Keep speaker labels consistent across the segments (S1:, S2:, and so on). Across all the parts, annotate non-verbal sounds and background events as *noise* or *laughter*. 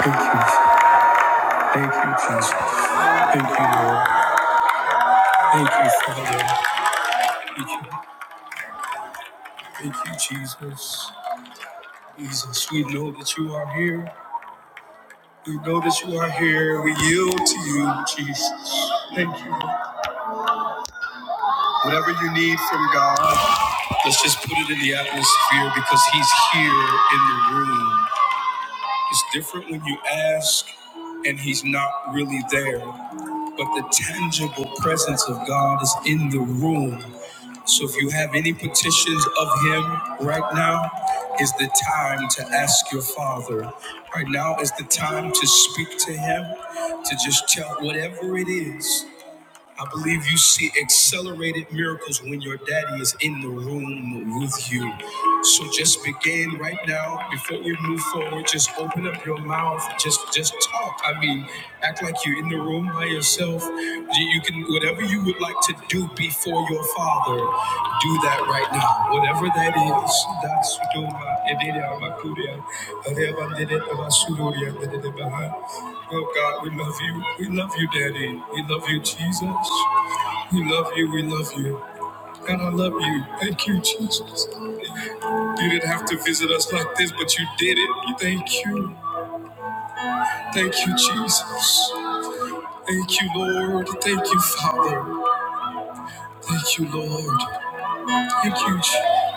S1: Thank you. Thank you, Jesus. Thank you, Lord. Thank you, Father. Thank you. Thank you, Jesus. Jesus, we know that you are here. We know that you are here. We yield to you, Jesus. Thank you. Whatever you need from God, let's just put it in the atmosphere because He's here in the room. It's different when you ask and He's not really there, but the tangible presence of God is in the room. So if you have any petitions of him right now, is the time to ask your father. Right now is the time to speak to him, to just tell whatever it is. I believe you see accelerated miracles when your daddy is in the room with you. So just begin right now. Before we move forward, just open up your mouth. Just just talk. I mean, act like you're in the room by yourself. You you can. Whatever you would like to do before your father, do that right now. Whatever that is, that's Doma, Oh God, we love you. We love you, Daddy. We love you, Jesus. We love you. We love you. And I love you. Thank you, Jesus. You didn't have to visit us like this, but you did it. Thank you. Thank you, Jesus. Thank you, Lord. Thank you, Father. Thank you, Lord. Huge.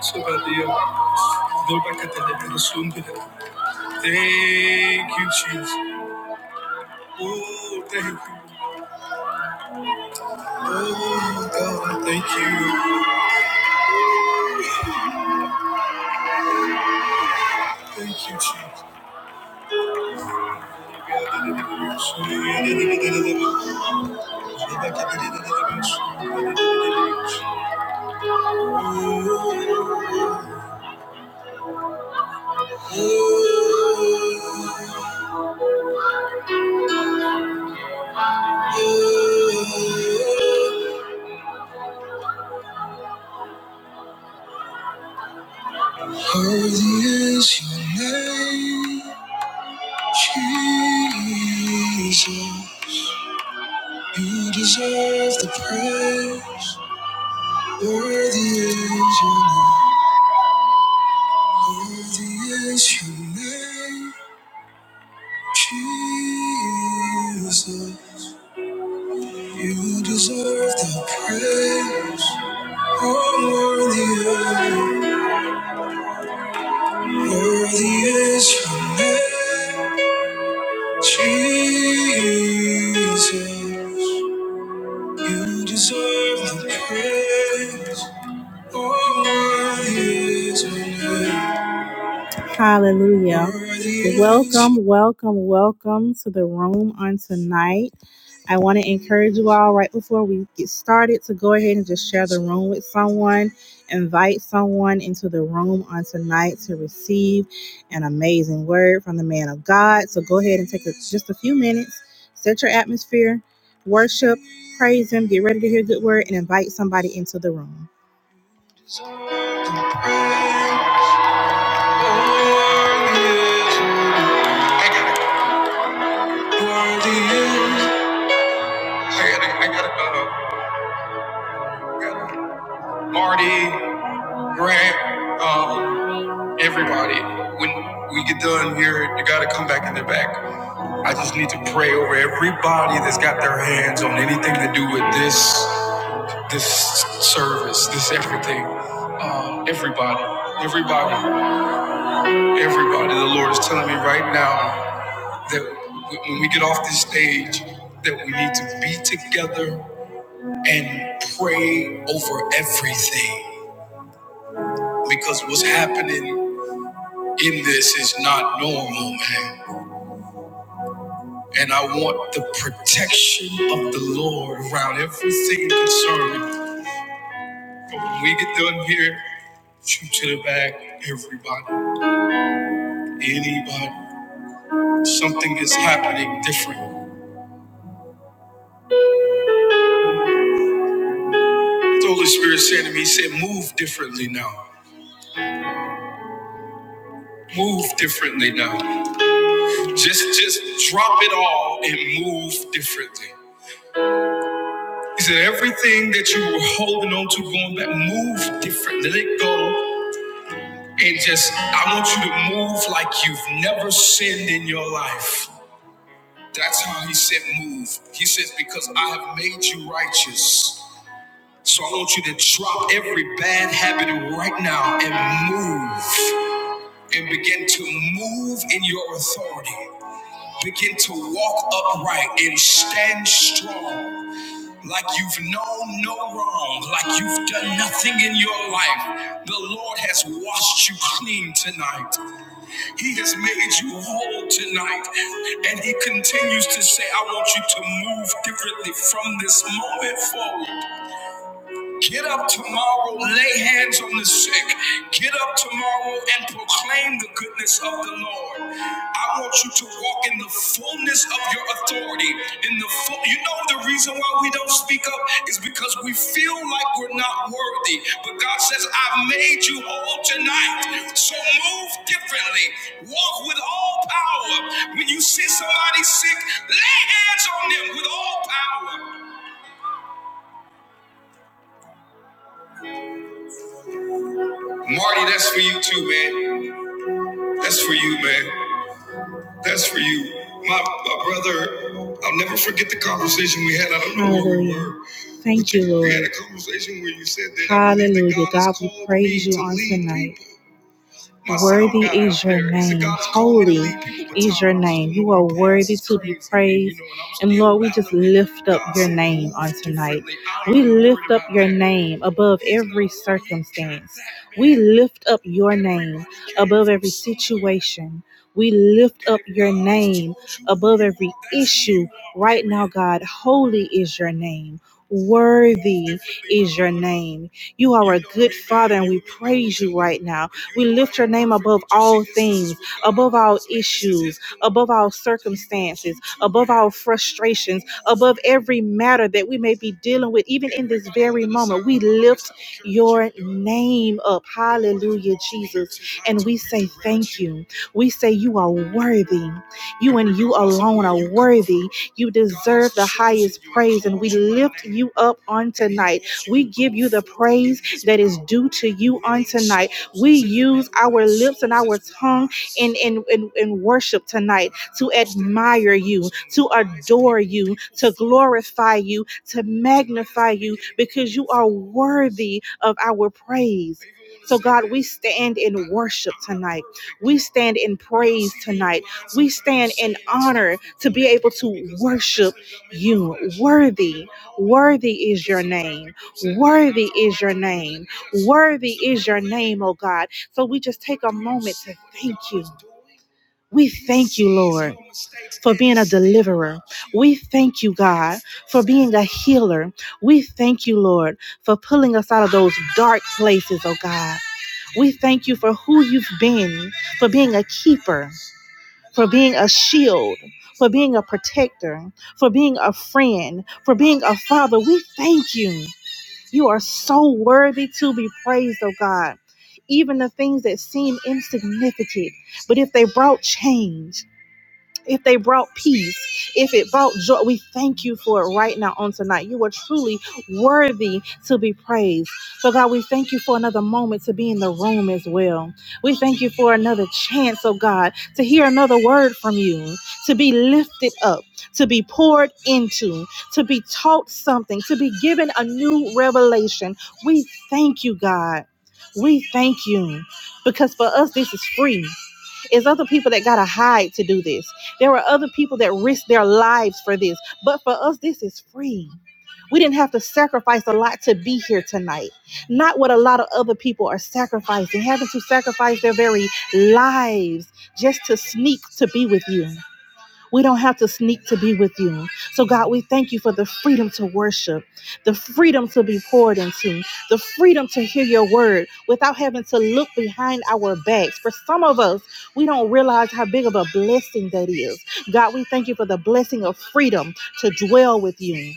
S1: So bad the Go back at the little soon. Thank you, Jesus. Oh, thank you. Oh, God, thank you. Thank you, Jesus. Holy is your name, Jesus. You deserve the praise. Worthy is your name. Worthy is your name, Jesus. You deserve the praise. Oh, worthy, worthy is your name, Jesus. You deserve the praise. Oh, worthy is your name. Hallelujah. Welcome, welcome, welcome to the room on tonight. I want to encourage you all right before we get started to go ahead and just share the room with someone. Invite someone into the room on tonight to receive an amazing word from the man of God. So go ahead and take a, just a few minutes, set your atmosphere, worship, praise Him, get ready to hear a good word, and invite somebody into the room. I got it. I got it. I got it. Uh, got it. Marty, Grant, um, everybody. When we get done here, you gotta come back in the back. I just need to pray over everybody that's got their hands on anything to do with this, this service, this everything. Um, everybody, everybody, everybody. The Lord is telling me right now that when we get off this stage, that we need to be together and pray over everything because what's happening in this is not normal, man. And I want the protection of the Lord around everything concerning. When we get done here, shoot to the back, everybody, anybody. Something is happening different. The Holy Spirit said to me, He said, move differently now. Move differently now. Just just drop it all and move differently. He said, everything that you were holding on to going back, move different. Let it go. And just, I want you to move like you've never sinned in your life. That's how he said, move. He says, because I have made you righteous. So I want you to drop every bad habit right now and move and begin to move in your authority. Begin to walk upright and stand strong. Like you've known no wrong, like you've done nothing in your life, the Lord has washed you clean tonight. He has made you whole tonight. And He continues to say, I want you to move differently from this moment forward. Get up tomorrow, lay hands on the sick. Get up tomorrow and proclaim the goodness of the Lord. I want you to walk in the fullness of your authority. In the full, you know the reason why we don't speak up is because we feel like we're not worthy. But God says, "I've made you whole tonight." So move differently. Walk with all power. When you see somebody sick, lay hands on them with all power. Marty, that's for you too, man. That's for you, man. That's for you. My, my brother, I'll never forget the conversation we had. I don't know where we Hallelujah. were. Thank you, Lord. We had a conversation where you said that Hallelujah. God, God, we praise you on tonight. Worthy is your name. Holy is your name. You are worthy to be praised. And Lord, we just lift up your name on tonight. We lift up your name above every circumstance. We lift up your name above every situation. We lift up your name above every issue right now, God. Holy is your name. Worthy is your name. You are a good father, and we praise you right now. We lift your name above all things, above all issues, above all circumstances, above all frustrations, above every matter that we may be dealing with, even in this very moment. We lift your name up. Hallelujah, Jesus. And we say thank you. We say you are worthy. You and you alone are worthy. You deserve the highest praise, and we lift you up on tonight. We give you the praise that is due to you on tonight. We use our lips and our tongue in, in, in, in worship tonight to admire you, to adore you, to glorify you, to magnify you, because you are worthy of our praise. So, God, we stand in worship tonight. We stand in praise tonight. We stand in honor to be able to worship you. Worthy, worthy is your name. Worthy is your name. Worthy is your name, oh God. So, we just take a moment to thank you. We thank you, Lord for being a deliverer. We thank you, God, for being a healer. We thank you, Lord, for pulling us out of those dark places, oh God. We thank you for who you've been, for being a keeper, for being a shield, for being a protector, for being a friend, for being a father. We thank you. You are so worthy to be praised, oh God. Even the things that seem insignificant, but if they brought change, if they brought peace, if it brought joy, we thank you for it right now on tonight. You are truly worthy to be praised. So, God, we thank you for another moment to be in the room as well. We thank you for another chance, oh God, to hear another word from you, to be lifted up, to be poured into, to be taught something, to be given a new revelation. We thank you, God. We thank you because for us, this is free. It's other people that gotta hide to do this. There were other people that risked their lives for this. But for us, this is free. We didn't have to sacrifice a lot to be here tonight. Not what a lot of other people are sacrificing, having to sacrifice their very lives just to sneak to be with you. We don't have to sneak to be with you. So, God, we thank you for the freedom to worship, the freedom to be poured into, the freedom to hear your word without having to look behind our backs. For some of us, we don't realize how big of a blessing that is. God, we thank you for the blessing of freedom to dwell with you.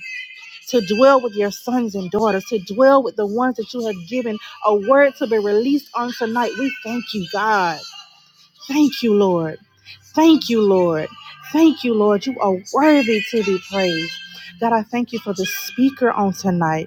S1: To dwell with your sons and daughters, to dwell with the ones that you have given a word to be released on tonight. We thank you, God. Thank you, Lord. Thank you, Lord. Thank you, Lord. You are worthy to be praised. God, I thank you for the speaker on tonight.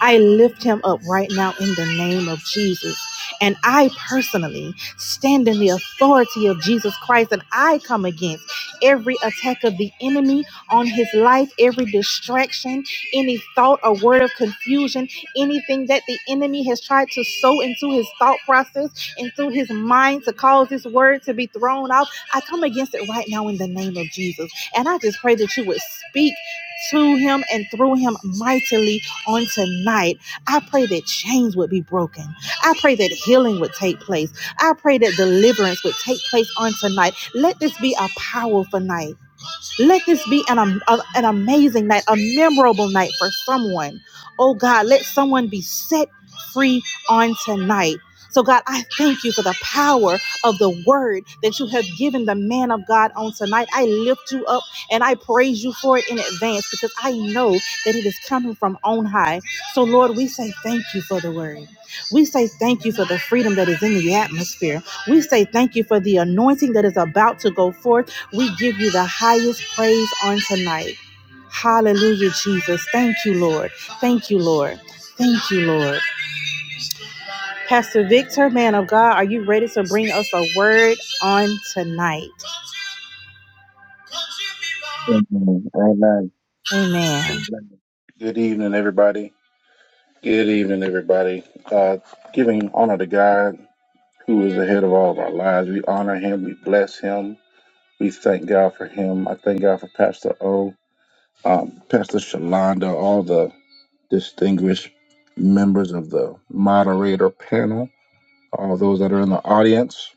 S1: I lift him up right now in the name of Jesus. And I personally stand in the authority of Jesus Christ and I come against every attack of the enemy on his life, every distraction, any thought or word of confusion, anything that the enemy has tried to sow into his thought process into his mind to cause this word to be thrown out. I come against it right now in the name of Jesus. And I just pray that you would speak to him and through him mightily on tonight. I pray that chains would be broken. I pray that healing would take place. I pray that deliverance would take place on tonight. Let this be a powerful night. Let this be an, am- a- an amazing night, a memorable night for someone. Oh God, let someone be set free on tonight. So, God, I thank you for the power of the word that you have given the man of God on tonight. I lift you up and I praise you for it in advance because I know that it is coming from on high. So, Lord, we say thank you for the word. We say thank you for the freedom that is in the atmosphere. We say thank you for the anointing that is about to go forth we give you the highest praise on tonight. Hallelujah, Jesus. Thank you, Lord. Thank you, Lord. Thank you, Lord. Pastor Victor, man of God, are you ready to bring us a word on tonight?
S2: Amen. Amen.
S1: Amen.
S2: Amen. Good evening, everybody. Good evening, everybody. Uh, giving honor to God, who is ahead of all of our lives. We honor Him. We bless Him. We thank God for Him. I thank God for Pastor O, um, Pastor Shalonda, all the distinguished members of the moderator panel, all those that are in the audience.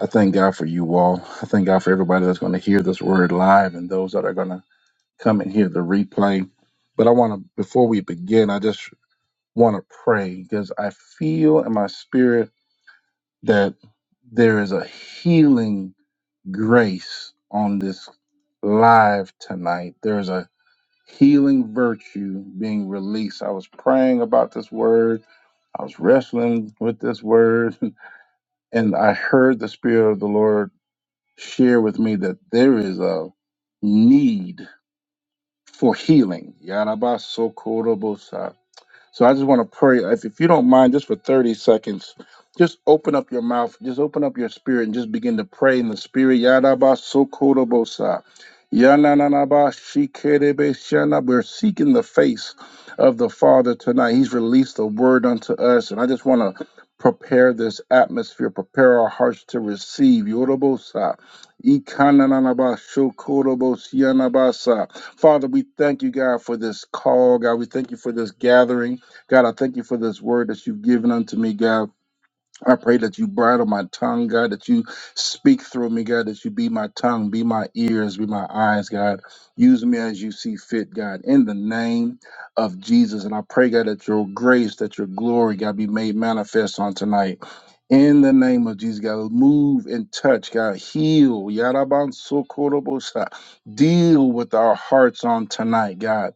S2: I thank God for you all. I thank God for everybody that's going to hear this word live and those that are going to come and hear the replay. But I want to, before we begin, I just want to pray because I feel in my spirit that there is a healing grace on this live tonight. There's a healing virtue being released. I was praying about this word, I was wrestling with this word, *laughs* and I heard the Spirit of the Lord share with me that there is a need for healing. Yarabasokorobosa. So I just want to pray, if, if you don't mind, just for 30 seconds, just open up your mouth, just open up your spirit, and just begin to pray in the spirit. Yadaba sokorobosa. Yananaba shikerebe shana. We're seeking the face of the Father tonight. He's released the word unto us, and I just want to prepare this atmosphere, prepare our hearts to receive. Yorobosa. Ikananaba shokorobosianabasa. Father, we thank you, God, for this call, God. We thank you for this gathering. God, I thank you for this word that you've given unto me, God. I pray that you bridle my tongue, God, that you speak through me, God, that you be my tongue, be my ears, be my eyes, God. Use me as you see fit, God, in the name of Jesus. And I pray, God, that your grace, that your glory, God, be made manifest on tonight. In the name of Jesus, God, move and touch, God, heal. Yaraban sokorobosa. Deal with our hearts on tonight, God.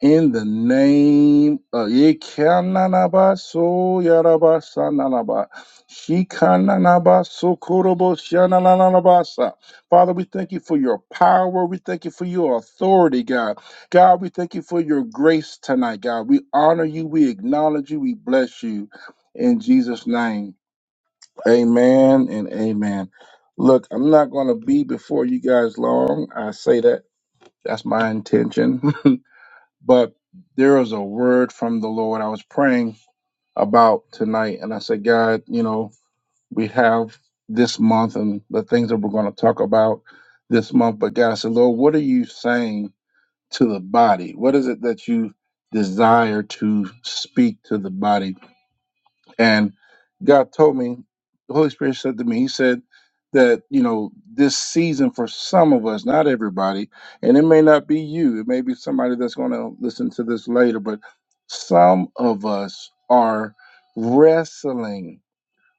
S2: In the name of Yekananaba so yaraba sananaba. Shikananaba sokorobo shanananabasa. Father, we thank you for your power. We thank you for your authority, God. God, we thank you for your grace tonight, God. We honor you. We acknowledge you. We bless you. In Jesus' name, amen and amen. Look, I'm not going to be before you guys long. I say that. That's my intention. *laughs* But there was a word from the Lord I was praying about tonight, and I said, God, you know, we have this month and the things that we're going to talk about this month. But God said, Lord, what are you saying to the body? What is it that you desire to speak to the body? And God told me, the Holy Spirit said to me, He said that, you know, this season for some of us, not everybody, and it may not be you, it may be somebody that's going to listen to this later, but some of us are wrestling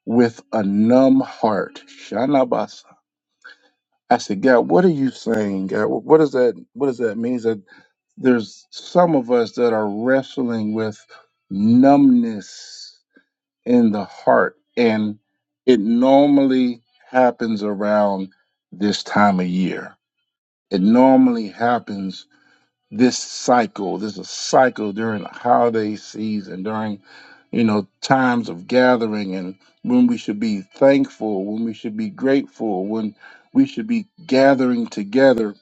S2: with a numb heart. Shanabasa. I said, God, what are you saying? God, Wh- what does that what does that mean? Is that there's some of us that are wrestling with numbness in the heart. And it normally happens around this time of year. It normally happens this cycle. There's a cycle during the holiday season, during, you know, times of gathering and when we should be thankful, when we should be grateful, when we should be gathering together.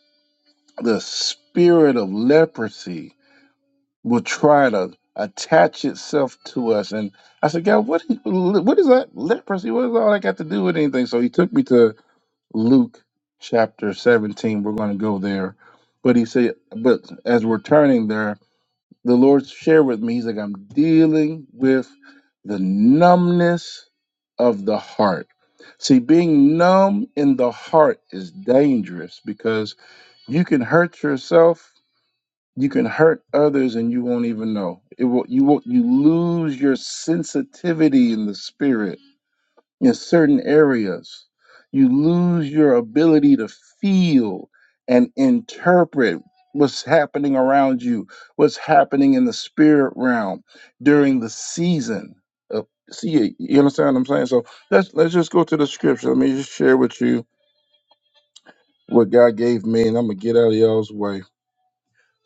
S2: The spirit of leprosy will try to attach itself to us. And I said, God, what what is that leprosy? What is all that got to do with anything? So he took me to Luke chapter 17. We're going to go there. But he said, but as we're turning there, the Lord shared with me, he's like, I'm dealing with the numbness of the heart. See, being numb in the heart is dangerous because you can hurt yourself you can hurt others and you won't even know. It will you will you lose your sensitivity in the spirit in certain areas. You lose your ability to feel and interpret what's happening around you, what's happening in the spirit realm during the season. of see, you understand what I'm saying? So let's let's just go to the scripture. Let me just share with you what God gave me, and I'm gonna get out of y'all's way.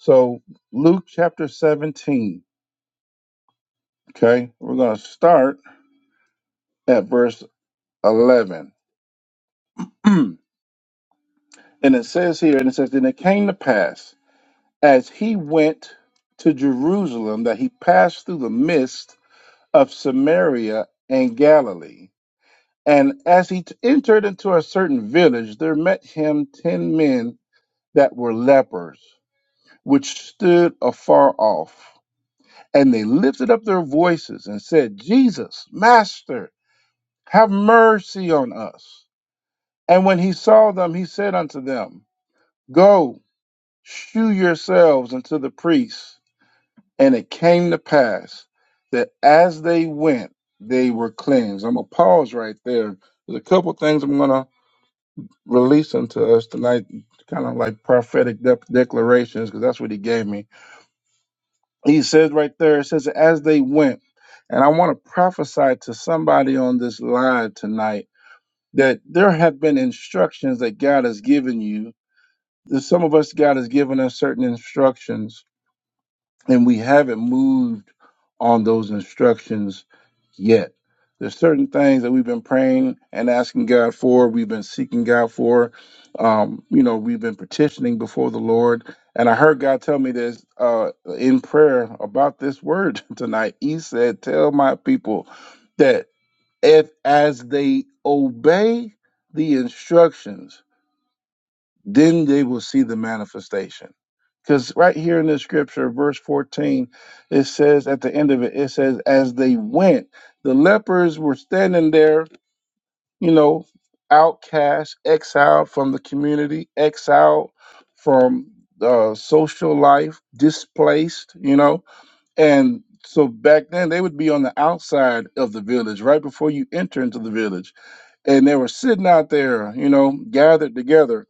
S2: So Luke chapter 17. Okay, we're going to start at verse 11. *clears throat* and it says here, and it says, Then it came to pass as he went to Jerusalem that he passed through the midst of Samaria and Galilee. And as he t- entered into a certain village, there met him ten men that were lepers, which stood afar off. And they lifted up their voices and said, Jesus, Master, have mercy on us. And when he saw them, he said unto them, Go, shew yourselves unto the priests. And it came to pass that as they went, they were cleansed. I'm going to pause right there. There's a couple things I'm going to release unto us tonight, kind of like prophetic de- declarations, because that's what he gave me. He says right there, it says, as they went. And I want to prophesy to somebody on this live tonight that there have been instructions that God has given you that some of us God has given us certain instructions and we haven't moved on those instructions yet. There's certain things that we've been praying and asking God for, we've been seeking God for, um, you know, we've been petitioning before the Lord. And I heard God tell me this uh, in prayer about this word *laughs* tonight. He said, "Tell my people that if as they obey the instructions." then they will see the manifestation. Because right here in the scripture, verse 14, it says at the end of it, it says, as they went, the lepers were standing there, you know, outcast, exiled from the community, exiled from uh, social life, displaced, you know. And so back then, they would be on the outside of the village, right before you enter into the village. And they were sitting out there, you know, gathered together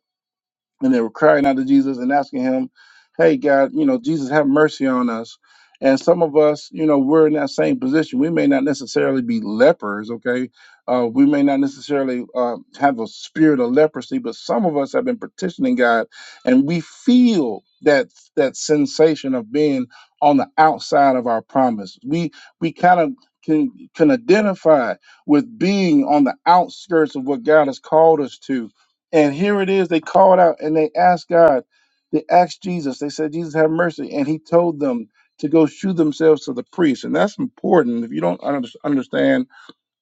S2: and they were crying out to Jesus and asking him, "Hey God, you know, Jesus have mercy on us." And some of us, you know, we're in that same position. We may not necessarily be lepers, okay? Uh, we may not necessarily uh, have a spirit of leprosy, but some of us have been petitioning God, and we feel that that sensation of being on the outside of our promise. We we kind of can can identify with being on the outskirts of what God has called us to and here it is, they called out and they asked God, they asked Jesus, they said, Jesus, have mercy. And he told them to go shew themselves to the priest. And that's important. If you don't under- understand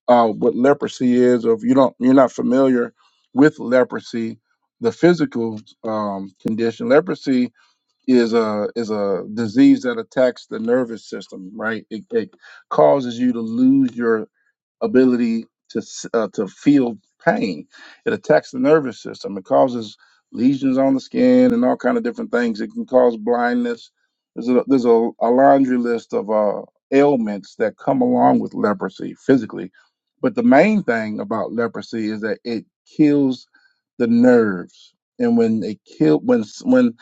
S2: uh, what leprosy is, or if you don't, you're not familiar with leprosy, the physical um, condition, leprosy is a is a disease that attacks the nervous system, right? It, it causes you to lose your ability to s- uh, to feel pain. It attacks the nervous system. It causes lesions on the skin and all kind of different things. It can cause blindness. There's a there's a, a laundry list of uh, ailments that come along with leprosy physically, but the main thing about leprosy is that it kills the nerves. And when it kill when s- when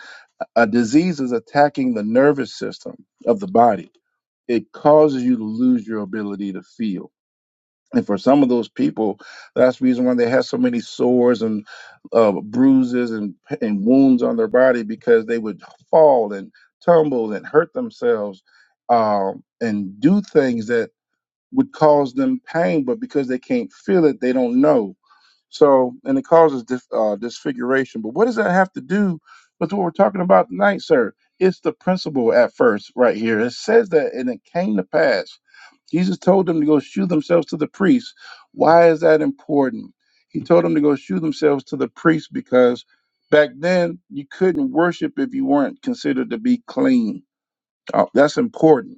S2: a disease is attacking the nervous system of the body, it causes you to lose your ability to feel and for some of those people, that's the reason why they have so many sores and uh, bruises and, and wounds on their body because they would fall and tumble and hurt themselves um, and do things that would cause them pain, but because they can't feel it, they don't know so, and it causes dis, uh, disfiguration. But what does that have to do with what we're talking about tonight, sir? It's the principle at first, right here. It says that, and it came to pass. Jesus told them to go shew themselves to the priests. Why is that important? He told them to go shew themselves to the priests because back then you couldn't worship if you weren't considered to be clean. Uh, that's important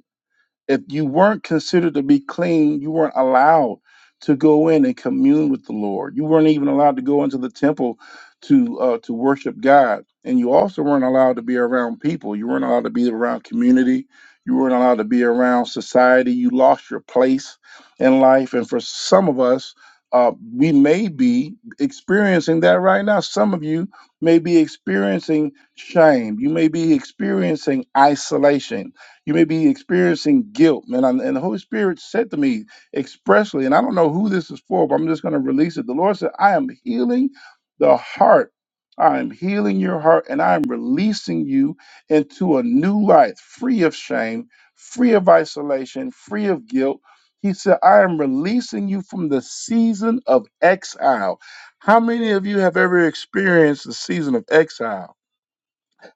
S2: if you weren't considered to be clean, you weren't allowed to go in and commune with the Lord. You weren't even allowed to go into the temple to uh, to worship God, and you also weren't allowed to be around people. You weren't allowed to be around community. You weren't allowed to be around society. You lost your place in life, and for some of us. Uh, we may be experiencing that right now. Some of you may be experiencing shame. You may be experiencing isolation you may be experiencing guilt, man. And, and the Holy Spirit said to me expressly, and I don't know who this is for, but I'm just going to release it. The Lord said, I am healing the heart. I am healing your heart and I am releasing you into a new life, free of shame, free of isolation, free of guilt. He said, I am releasing you from the season of exile. How many of you have ever experienced the season of exile?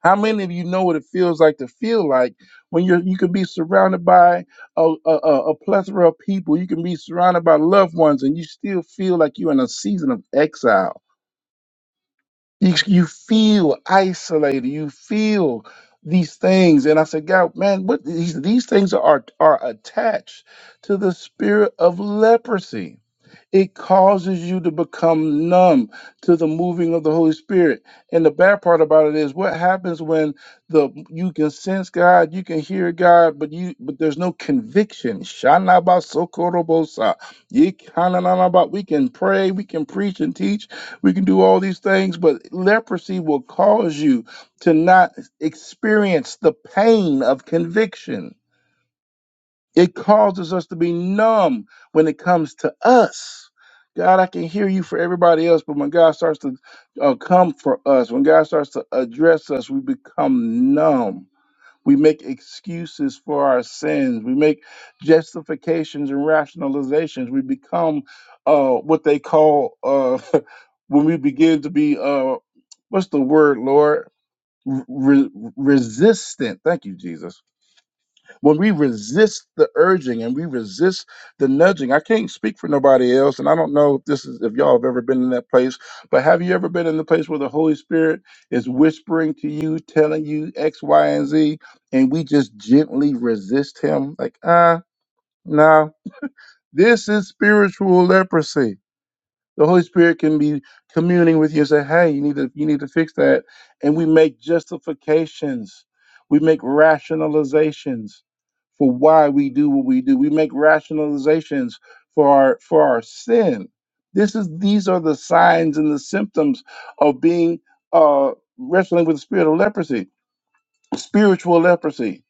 S2: How many of you know what it feels like to feel like when you're you can be surrounded by a, a, a a plethora of people, you can be surrounded by loved ones, and you still feel like you're in a season of exile. You, you feel isolated. You feel these things, and I said, God, man, what these these things are are attached to the spirit of leprosy it causes you to become numb to the moving of the Holy Spirit. And the bad part about it is what happens when the you can sense God, you can hear God, but you but there's no conviction. Shanabasokorobosa. Yikananaba. We can pray, we can preach and teach, we can do all these things, but leprosy will cause you to not experience the pain of conviction it causes us to be numb when it comes to us. God, I can hear you for everybody else, but when God starts to uh, come for us, when God starts to address us, we become numb. We make excuses for our sins. We make justifications and rationalizations. We become uh, what they call uh, *laughs* when we begin to be uh, what's the word, Lord? Re- resistant. Thank you, Jesus when we resist the urging and we resist the nudging i can't speak for nobody else and i don't know if this is if y'all have ever been in that place but have you ever been in the place where the holy spirit is whispering to you telling you x y and z and we just gently resist him like ah, no this is spiritual leprosy the Holy Spirit can be communing with you and say, "Hey, you need to you need to fix that," and we make justifications, we make rationalizations for why we do what we do. We make rationalizations for our for our sin. This is these are the signs and the symptoms of being uh, wrestling with the spirit of leprosy, spiritual leprosy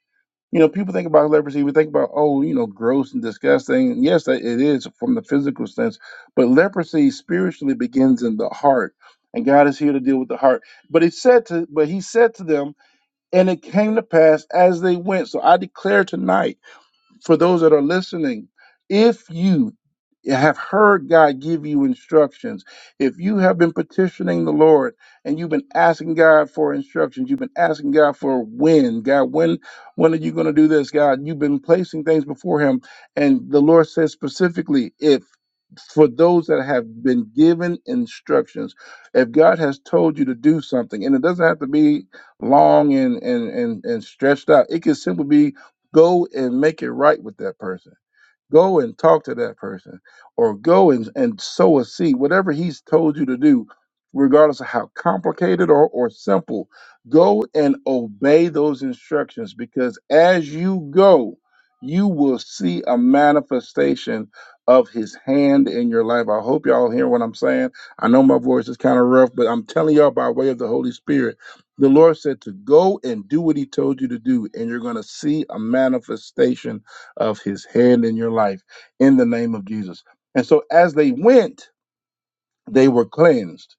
S2: you know, people think about leprosy, we think about, oh, you know, gross and disgusting. Yes, that- it is from the physical sense, but leprosy spiritually begins in the heart, and God is here to deal with the heart. But he said to, but he said to them, and it came to pass as they went. So I declare tonight for those that are listening, if you have heard God give you instructions, if you have been petitioning the Lord and you've been asking God for instructions, you've been asking God for when, God, when when are you going to do this, God? You've been placing things before him and the Lord says specifically if for those that have been given instructions, if God has told you to do something, and it doesn't have to be long and and and, and stretched out, it can simply be Go and make it right with that person. Go and talk to that person or go and, and sow a seed, whatever he's told you to do, regardless of how complicated or, or simple. Go and obey those instructions because as you go, you will see a manifestation of his hand in your life. I hope y'all hear what I'm saying. I know my voice is kind of rough, but I'm telling y'all by way of the Holy Spirit. The Lord said to go and do what he told you to do, and you're going to see a manifestation of his hand in your life in the name of Jesus. And so as they went, they were cleansed.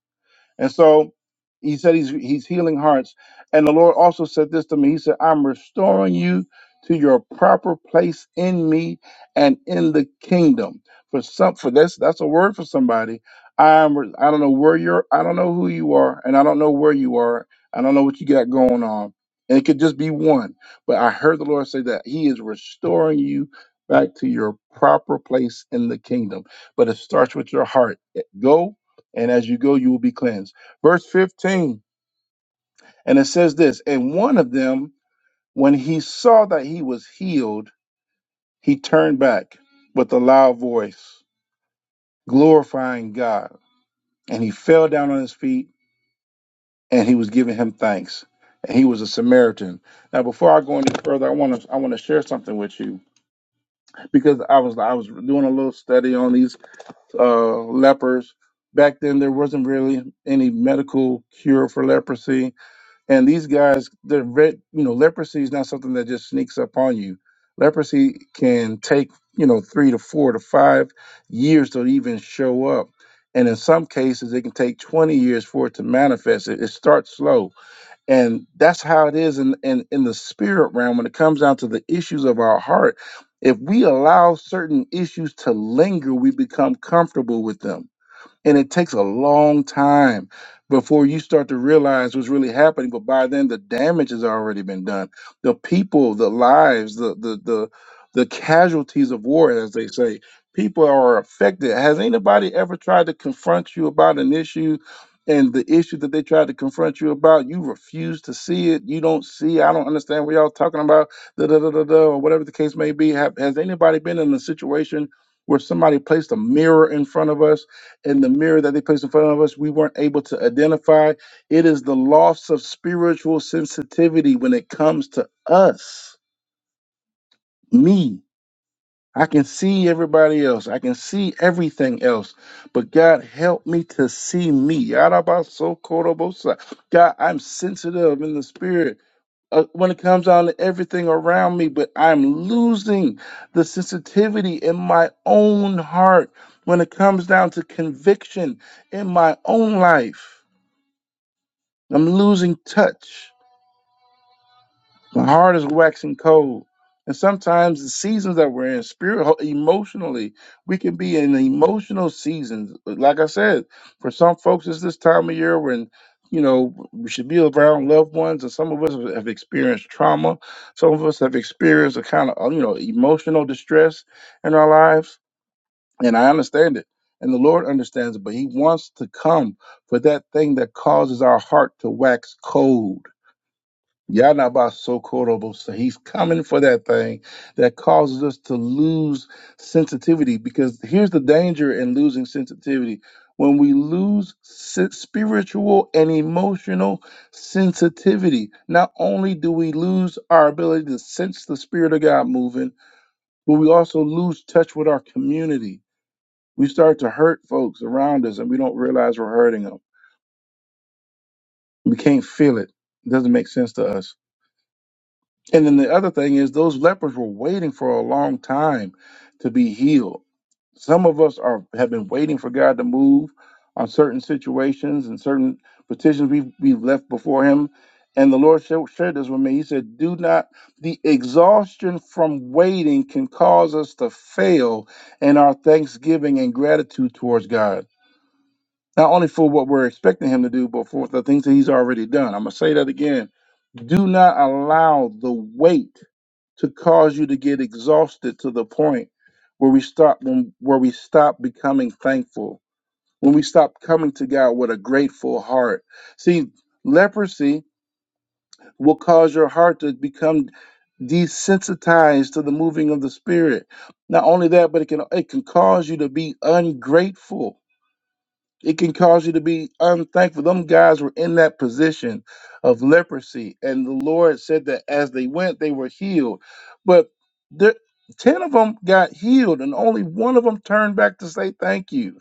S2: And so he said he's he's healing hearts. And the Lord also said this to me. He said, I'm restoring you to your proper place in me and in the kingdom. For some for this, that's a word for somebody. I'm re- I don't know where you're, I don't know who you are, and I don't know where you are. I don't know what you got going on. And it could just be one. But I heard the Lord say that He is restoring you back to your proper place in the kingdom. But it starts with your heart. Go and as you go, you will be cleansed. Verse 15, and it says this And one of them, when he saw that he was healed, he turned back with a loud voice, glorifying God. And he fell down on his feet and he was giving him thanks. And he was a Samaritan. Now, before I go any further, I want to I want to share something with you because I was I was doing a little study on these uh, lepers. Back then, there wasn't really any medical cure for leprosy And these guys, the red, you know, leprosy is not something that just sneaks up on you. Leprosy can take, you know, three to four to five years to even show up. And in some cases, it can take 20 years for it to manifest. It, it starts slow. And that's how it is in, in, in the spirit realm when it comes down to the issues of our heart. If we allow certain issues to linger, we become comfortable with them and it takes a long time before you start to realize what's really happening. But by then, the damage has already been done. The people, the lives, the the the the casualties of war, as they say, people are affected. Has anybody ever tried to confront you about an issue? And the issue that they tried to confront you about, you refuse to see it. You don't see. I don't understand what y'all talking about. Da da da da da, or whatever the case may be. Have, has anybody been in a situation where somebody placed a mirror in front of us in the mirror that they placed in front of us, we weren't able to identify. It is the loss of spiritual sensitivity when it comes to us, me. I can see everybody else. I can see everything else. But God, help me to see me. Yarabasokorobosa. God, I'm sensitive in the spirit uh, when it comes down to everything around me, but I'm losing the sensitivity in my own heart when it comes down to conviction in my own life. I'm losing touch. My heart is waxing cold. And sometimes the seasons that we're in, spirit, emotionally, we can be in emotional seasons. Like I said, for some folks, it's this time of year when, you know, we should be around loved ones. And some of us have experienced trauma. Some of us have experienced a kind of, you know, emotional distress in our lives. And I understand it. And the Lord understands it. But He wants to come for that thing that causes our heart to wax cold Yanabasokorobosa. He's coming for that thing that causes us to lose sensitivity. Because here's the danger in losing sensitivity when we lose si- spiritual and emotional sensitivity, not only do we lose our ability to sense the Spirit of God moving, but we also lose touch with our community. We start to hurt folks around us and we don't realize we're hurting them. We can't feel it. It doesn't make sense to us. And then the other thing is those lepers were waiting for a long time to be healed. Some of us are have been waiting for God to move on certain situations and certain petitions we've, we've left before him. And the Lord sha- shared this with me. He said, Do not, the exhaustion from waiting can cause us to fail in our thanksgiving and gratitude towards God, not only for what we're expecting Him to do, but for the things that He's already done. I'm going to say that again do not allow the weight to cause you to get exhausted to the point where we stop when, where we stop becoming thankful, when we stop coming to God with a grateful heart. See, leprosy will cause your heart to become desensitized to the moving of the spirit. Not only that, but it can it can cause you to be ungrateful it can cause you to be unthankful. Them guys were in that position of leprosy, and the Lord said that as they went, they were healed. But there, ten of them got healed, and only one of them turned back to say thank you.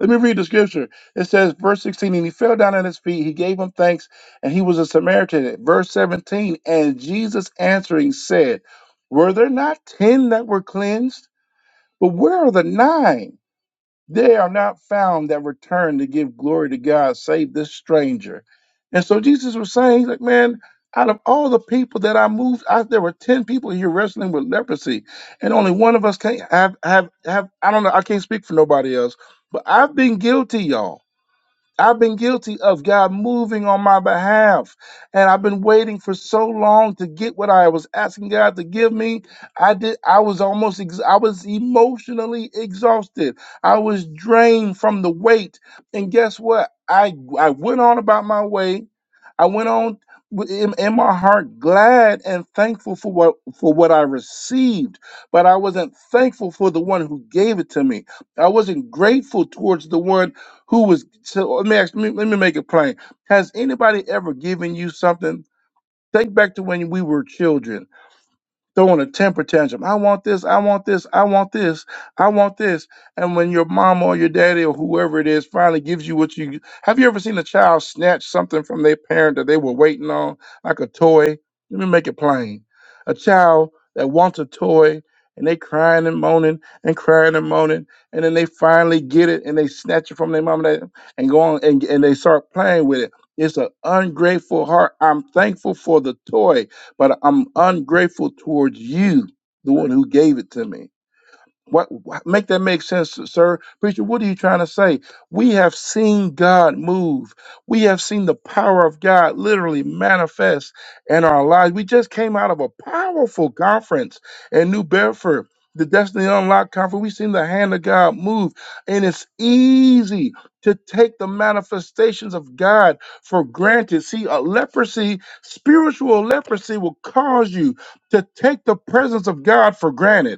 S2: Let me read the scripture. It says, verse sixteen, and he fell down at his feet. He gave him thanks, and he was a Samaritan. Verse seventeen, and Jesus answering said, Were there not ten that were cleansed? But where are the nine? They are not found that return to give glory to God, save this stranger. And so Jesus was saying, he's like, man, out of all the people that I moved, I, there were 10 people here wrestling with leprosy, and only one of us can't have, have, have, I don't know, I can't speak for nobody else, but I've been guilty, y'all. I've been guilty of God moving on my behalf. And I've been waiting for so long to get what I was asking God to give me. I did I was almost ex- I was emotionally exhausted. I was drained from the weight. And guess what? I I went on about my way. I went on with- in, in my heart glad and thankful for what for what I received, but I wasn't thankful for the one who gave it to me. I wasn't grateful towards the one who was so? Let me ask. Let me, let me make it plain. Has anybody ever given you something? Think back to when we were children throwing a temper tantrum. I want this, I want this, I want this, I want this. And when your mom or your daddy or whoever it is finally gives you what you have you ever seen a child snatch something from their parent that they were waiting on, like a toy? Let me make it plain. A child that wants a toy and they crying and moaning and crying and moaning, and then they finally get it and they snatch it from their mom and, dad and go on and, and they start playing with it. It's an ungrateful heart. I'm thankful for the toy but I'm ungrateful towards you, the one who gave it to me. What, what make that make sense, sir? Preacher, what are you trying to say? We have seen God move. We have seen the power of God literally manifest in our lives. We just came out of a powerful conference in New Bedford, the Destiny Unlocked conference. We've seen the hand of God move, and it's easy to take the manifestations of God for granted. See, a leprosy, spiritual leprosy, will cause you to take the presence of God for granted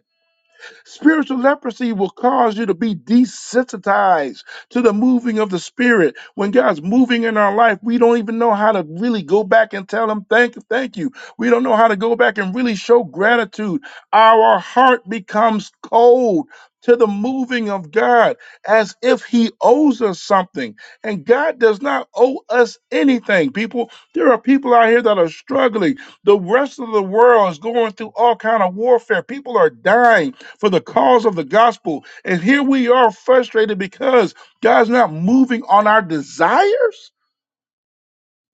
S2: Spiritual leprosy will cause you to be desensitized to the moving of the Spirit. When God's moving in our life, we don't even know how to really go back and tell Him, Thank you, thank you. We don't know how to go back and really show gratitude. Our heart becomes cold to the moving of God as if He owes us something. And God does not owe us anything. People, there are people out here that are struggling. The rest of the world is going through all kind of warfare. People are dying for the cause of the gospel. And here we are frustrated because God's not moving on our desires.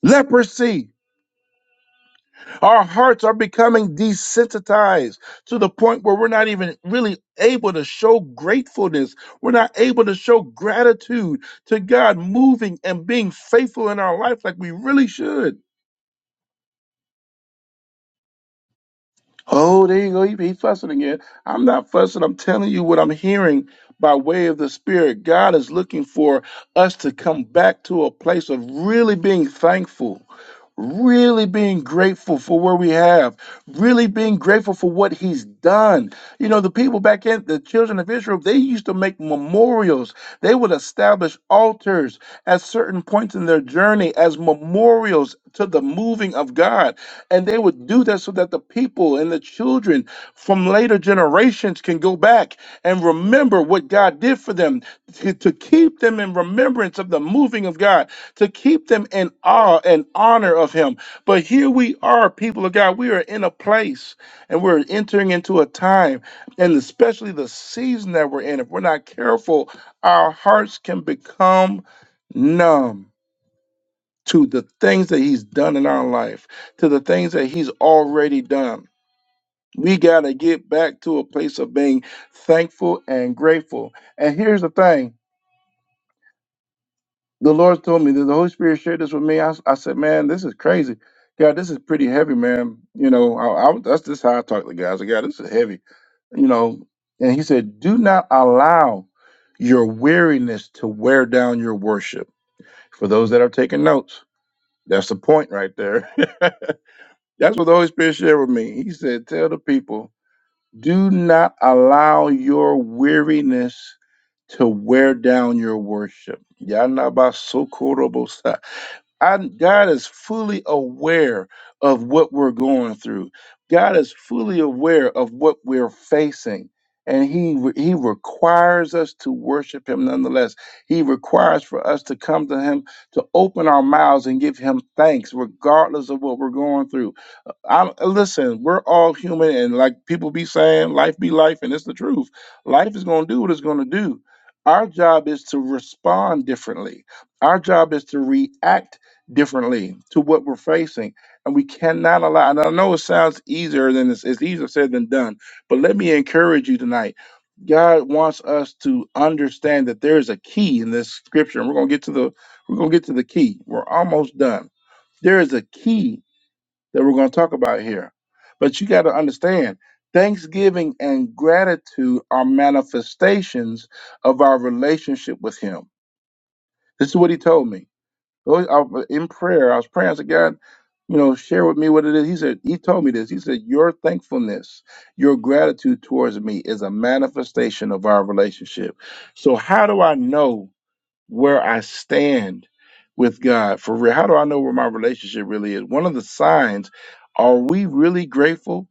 S2: Leprosy. Our hearts are becoming desensitized to the point where we're not even really able to show gratefulness. We're not able to show gratitude to God moving and being faithful in our life like we really should. Oh, there you go. He, he fussing again. I'm not fussing. I'm telling you what I'm hearing by way of the Spirit. God is looking for us to come back to a place of really being thankful really being grateful for where we have, really being grateful for what he's done. You know, the people back in the children of Israel, they used to make memorials. They would establish altars at certain points in their journey as memorials to the moving of God. And they would do that so that the people and the children from later generations can go back and remember what God did for them to, to keep them in remembrance of the moving of God to keep them in awe and honor of him. But here we are, people of God, we are in a place and we're entering into a time, and especially the season that we're in, if we're not careful, our hearts can become numb to the things that he's done in our life, to the things that he's already done. We got to get back to a place of being thankful and grateful. And here's the thing the Lord told me that the Holy Spirit shared this with me. I, s- I said, man, this is crazy. God, this is pretty heavy, man. You know, I, I that's just how I talk to guys. I was Like, God, this is heavy. You know, and he said, do not allow your weariness to wear down your worship. For those that are taking notes, that's the point right there. *laughs* that's what the Holy Spirit shared with me. He said, tell the people, do not allow your weariness to wear down your worship. Yanabasokorobosi. I, God is fully aware of what we're going through. God is fully aware of what we're facing, and He re- He requires us to worship Him nonetheless. He requires for us to come to Him to open our mouths and give Him thanks, regardless of what we're going through. Uh, I'm, uh, listen, we're all human, and like people be saying, life be life, and it's the truth. Life is going to do what it's going to do. Our job is to respond differently. Our job is to react differently to what we're facing. And we cannot allow, and I know it sounds easier than it's, it's easier said than done, but let me encourage you tonight. God wants us to understand that there is a key in this scripture. And we're gonna get to the we're gonna get to the key. We're almost done. There is a key that we're gonna talk about here. But you gotta understand thanksgiving and gratitude are manifestations of our relationship with him. This is what he told me. Those- I in prayer, I was praying. I said, God, you know, share with me what it is. He said, He told me this. He said, Your thankfulness, your gratitude towards me is a manifestation of our relationship. So, how do I know where I stand with God for real? How do I know where my relationship really is? One of the signs are we really grateful?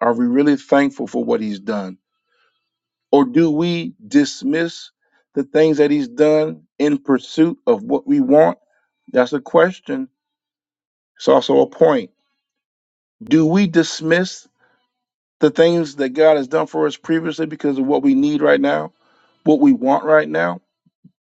S2: Are we really thankful for what He's done? Or do we dismiss the things that He's done in pursuit of what we want? That's a question it's also a point. Do we dismiss the things that God has done for us previously because of what we need right now, what we want right now?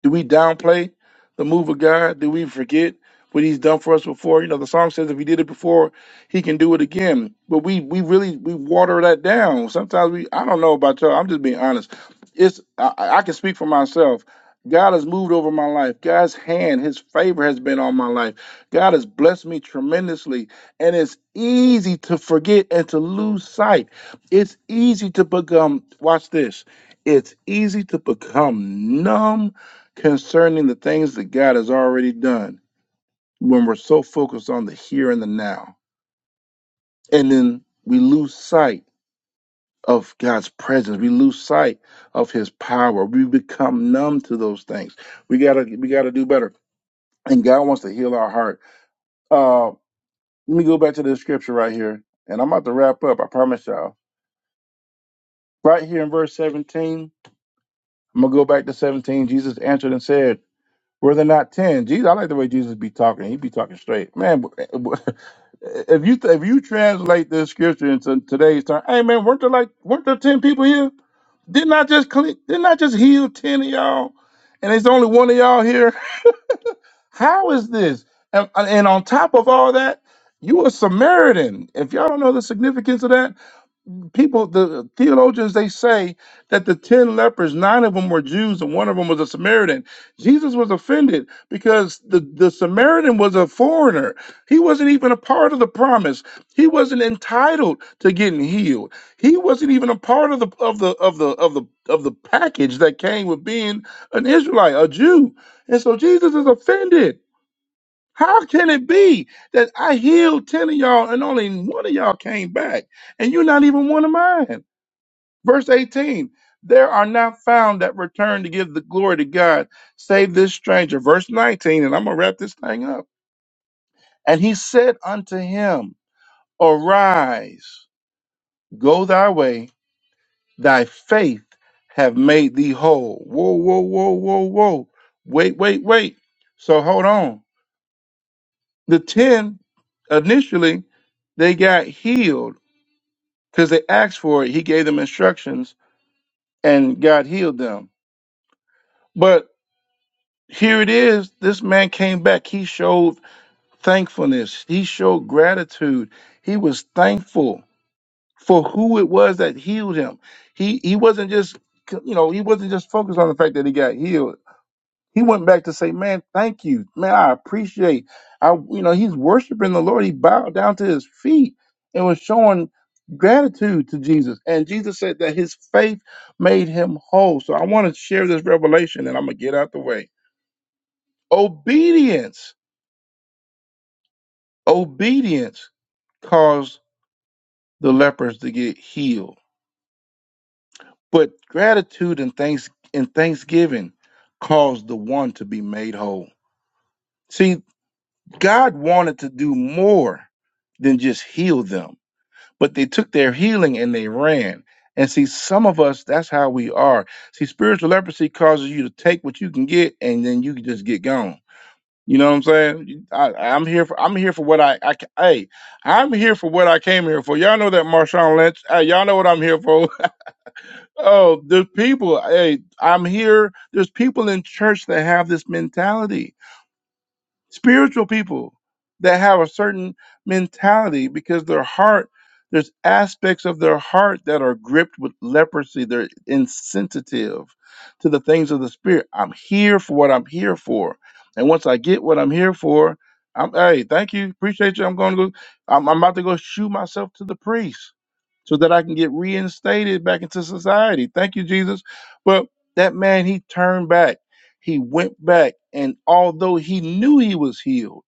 S2: Do we downplay the move of God? Do we forget what He's done for us before? You know, the song says if He did it before, He can do it again. But we we really we water that down. Sometimes we I don't know about y'all. I'm just being honest. It's I, I I can speak for myself. God has moved over my life. God's hand, His favor has been on my life. God has blessed me tremendously. And it's easy to forget and to lose sight. It's easy to become, watch this, it's easy to become numb concerning the things that God has already done when we're so focused on the here and the now. And then we lose sight of God's presence. We lose sight of his power. We become numb to those things. We gotta we gotta do better. And God wants to heal our heart. Uh let me go back to the scripture right here. And I'm about to wrap up, I promise y'all. Right here in verse 17, I'm gonna go back to 17. Jesus answered and said, Were there not ten? Jesus, I like the way Jesus be talking. He be talking straight, man. *laughs* If you if you translate this scripture into today's time, hey man, weren't there like weren't there ten people here? Didn't I just clean, didn't I just heal ten of y'all? And it's only one of y'all here. *laughs* How is this? And, and on top of all that, you a Samaritan. If y'all don't know the significance of that, people the theologians they say that the 10 lepers nine of them were jews and one of them was a samaritan jesus was offended because the, the samaritan was a foreigner he wasn't even a part of the promise he wasn't entitled to getting healed he wasn't even a part of the of the of the of the of the package that came with being an israelite a jew and so jesus is offended how can it be that I healed 10 of y'all and only one of y'all came back and you're not even one of mine? Verse 18 There are not found that return to give the glory to God, save this stranger. Verse 19, and I'm going to wrap this thing up. And he said unto him, Arise, go thy way, thy faith have made thee whole. Whoa, whoa, whoa, whoa, whoa. Wait, wait, wait. So hold on. The 10 initially, they got healed because they asked for it. He gave them instructions and God healed them. But here it is. This man came back. He showed thankfulness. He showed gratitude. He was thankful for who it was that healed him. He he wasn't just you know he wasn't just focused on the fact that he got healed. He went back to say, "Man, thank you, man. I appreciate." I you know he's worshiping the Lord. He bowed down to his feet and was showing gratitude to Jesus. And Jesus said that his faith made him whole. So I want to share this revelation, and I'm gonna get out the way. Obedience Obedience caused the lepers to get healed, but gratitude and thanks and thanksgiving caused the one to be made whole. See, God wanted to do more than just heal them, but they took their healing and they ran. And see, some of us, that's how we are. See, spiritual leprosy causes you to take what you can get and then you can just get gone. You know what I'm saying? I, I'm here for I'm here for what I, I ca- hey I'm here for what I came here for. Y'all know that Marshawn Lynch. Hey, y'all know what I'm here for. *laughs* oh, there's people. Hey, I'm here. There's people in church that have this mentality spiritual people that have a certain mentality because their heart there's aspects of their heart that are gripped with leprosy they're insensitive to the things of the spirit i'm here for what i'm here for and once i get what i'm here for i'm hey thank you appreciate you i'm going to go i'm, I'm about to go shoe myself to the priest so that i can get reinstated back into society thank you jesus but that man he turned back he went back, and although he knew he was healed,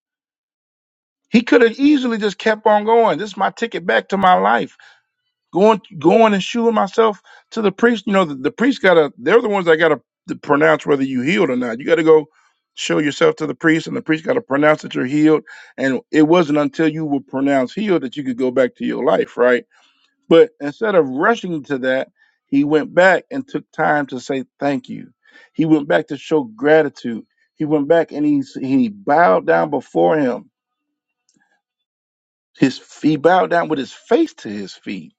S2: he could have easily just kept on going. This is my ticket back to my life. Going, going and shooing myself to the priest. You know, the, the priest got to, they're the ones that got to pronounce whether you healed or not. You got to go show yourself to the priest, and the priest got to pronounce that you're healed. And it wasn't until you were pronounced healed that you could go back to your life, right? But instead of rushing to that, he went back and took time to say thank you. He went back to show gratitude. He went back and he, he bowed down before him. His he bowed down with his face to his feet.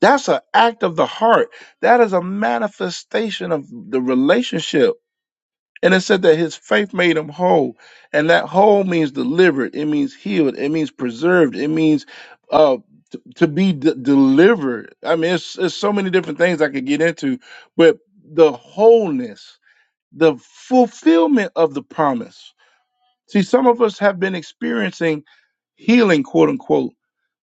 S2: That's an act of the heart. That is a manifestation of the relationship And it said that his faith made him whole. And that whole means delivered, it means healed, it means preserved, it means uh t- to be d- delivered. I mean, it's, it's so many different things I could get into, but the wholeness, the fulfillment of the promise. See, some of us have been experiencing healing, quote unquote.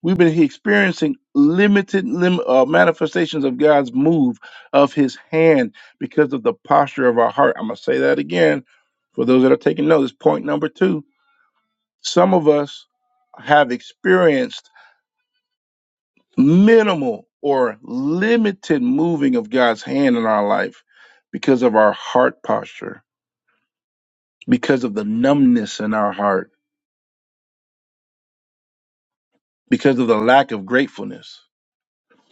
S2: We've been experiencing limited lim- uh, manifestations of God's move of His hand because of the posture of our heart. I'm gonna say that again for those that are taking notice. Point number two: Some of us have experienced minimal or limited moving of God's hand in our life because of our heart posture, because of the numbness in our heart, because of the lack of gratefulness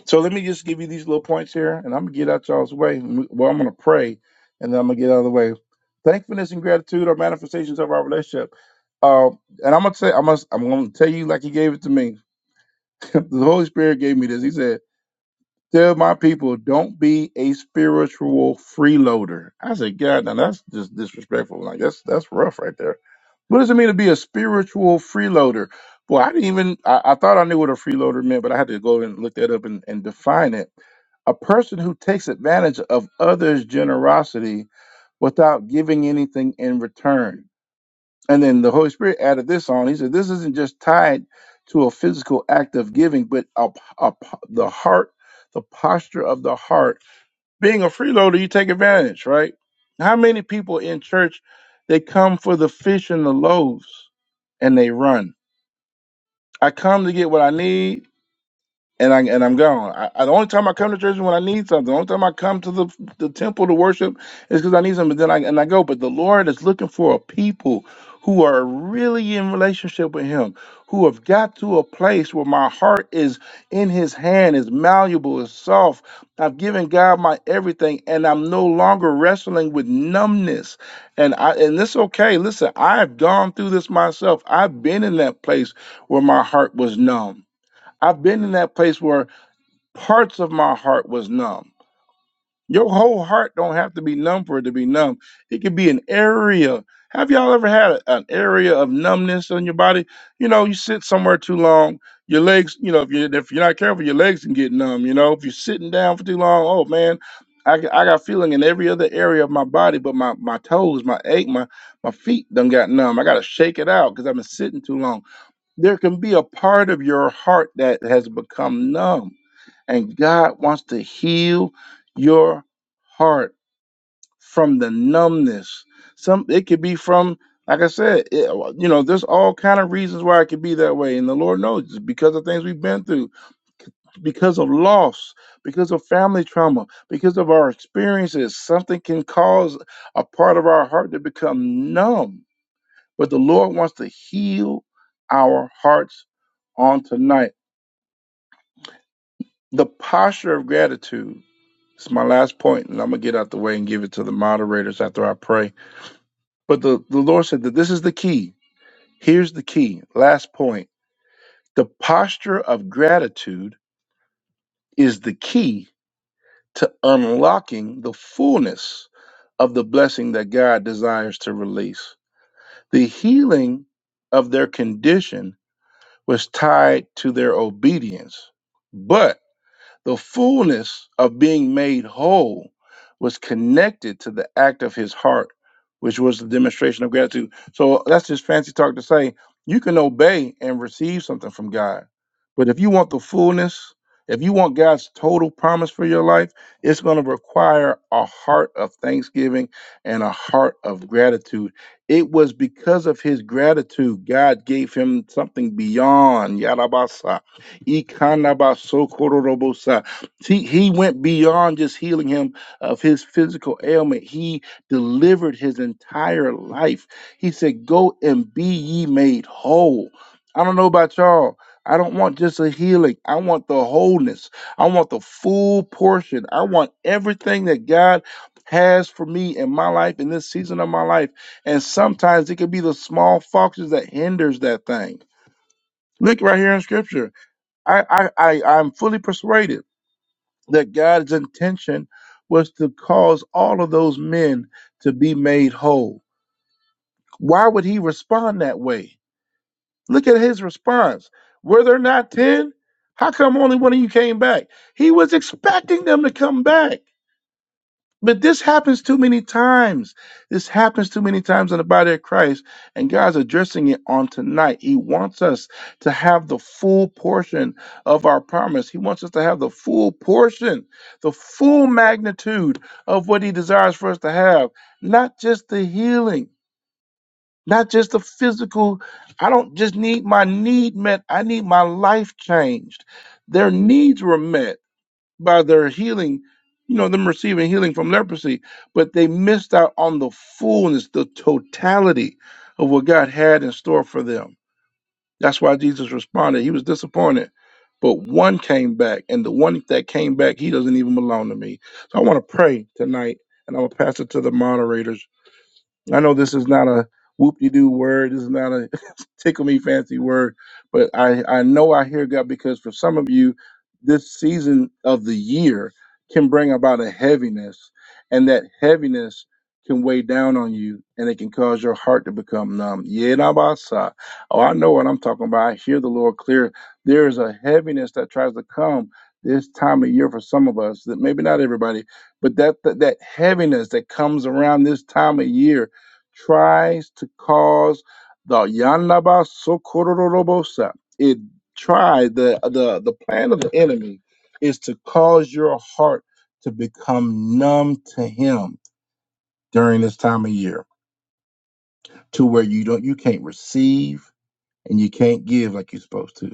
S2: So let me just give you these little points here, and I'm gonna get out y'all's way. Well, I'm gonna pray, and then I'm gonna get out of the way. Thankfulness and gratitude are manifestations of our relationship. Uh, and I'm gonna say, I must, I'm gonna tell you like He gave it to me. *laughs* the Holy Spirit gave me this. He said. Tell my people, don't be a spiritual freeloader. I said, God, now that's just disrespectful. Like that's that's rough right there. What does it mean to be a spiritual freeloader? Boy, I didn't even I, I thought I knew what a freeloader meant, but I had to go and look that up and, and define it. A person who takes advantage of others' generosity without giving anything in return. And then the Holy Spirit added this on. He said, This isn't just tied to a physical act of giving, but a, a, the heart, the posture of the heart. Being a freeloader, you take advantage, right? How many people in church, they come for the fish and the loaves and they run? I come to get what I need and I and I'm gone. I, I, the only time I come to church is when I need something. The only time I come to the the temple to worship is because I need something. Then I and I go. But the Lord is looking for a people who are really in relationship with Him, who have got to a place where my heart is in His hand, is malleable, is soft. I've given God my everything, and I'm no longer wrestling with numbness. And I and this okay. Listen, I've gone through this myself. I've been in that place where my heart was numb I've been in that place where parts of my heart was numb. Your whole heart don't have to be numb for it to be numb. It could be an area. Have y'all ever had a- an area of numbness on your body? You know, you sit somewhere too long, your legs. You know, if you if you're not careful, your legs can get numb. You know, if you're sitting down for too long, oh man, I, got- I got feeling in every other area of my body, but my my toes, my ache, my my feet done got numb. I gotta shake it out because I've been sitting too long there can be a part of your heart that has become numb, and God wants to heal your heart from the numbness. Some it could be from, like I said, it- you know, there's all kind of reasons why it could be that way, and the Lord knows it's because of things we've been through, because of loss, because of family trauma, because of our experiences. Something can cause a part of our heart to become numb but the Lord wants to heal our hearts on tonight. The posture of gratitude is my last point, and I'm going to get out the way and give it to the moderators after I pray. But the, the Lord said that this is the key. Here's the key. Last point. The posture of gratitude is the key to unlocking the fullness of the blessing that God desires to release. The healing of their condition was tied to their obedience. But the fullness of being made whole was connected to the act of his heart, which was the demonstration of gratitude. So that's just fancy talk to say you can obey and receive something from God. But if you want the fullness, if you want God's total promise for your life, it's going to require a heart of thanksgiving and a heart of gratitude. It was because of his gratitude, God gave him something beyond. Yadabasa Ikanabasokororobosa. He, he went beyond just healing him of his physical ailment. He delivered his entire life. He said, Go and be ye made whole. I don't know about y'all. I don't want just a healing. I want the wholeness. I want the full portion. I want everything that God has for me in my life in this season of my life. And sometimes it could be the small foxes that hinders that thing. Look right here in scripture. I, I, I, I'm fully persuaded that God's intention was to cause all of those men to be made whole. Why would he respond that way? Look at his response. Were there not 10? How come only one of you came back? He was expecting them to come back. But this happens too many times. This happens too many times in the body of Christ, and God's addressing it on tonight. He wants us to have the full portion of our promise. He wants us to have the full portion, the full magnitude of what He desires for us to have, not just the healing, not just the physical. I don't just need my need met, I need my life changed. Their needs were met by their healing, you know, them receiving healing from leprosy, but they missed out on the fullness, the totality of what God had in store for them. That's why Jesus responded. He was disappointed, but one came back, and the one that came back, he doesn't even belong to me. So I want to pray tonight, and I'm going to pass it to the moderators I know this is not a whoop-de-doo word. This is not a *laughs* tickle me fancy word, but I, I know I hear God because for some of you, this season of the year can bring about a heaviness, and that heaviness can weigh down on you and it can cause your heart to become numb. Yeah, nah, bah, sah. Oh, I know what I'm talking about. I hear the Lord clear. There is a heaviness that tries to come this time of year for some of us that maybe not everybody, but that, that that heaviness that comes around this time of year tries to cause the Yanlaba Sokororobosa. It tried the the the plan of the enemy is to cause your heart to become numb to him during this time of year, to where you don't you can't receive and you can't give like you're supposed to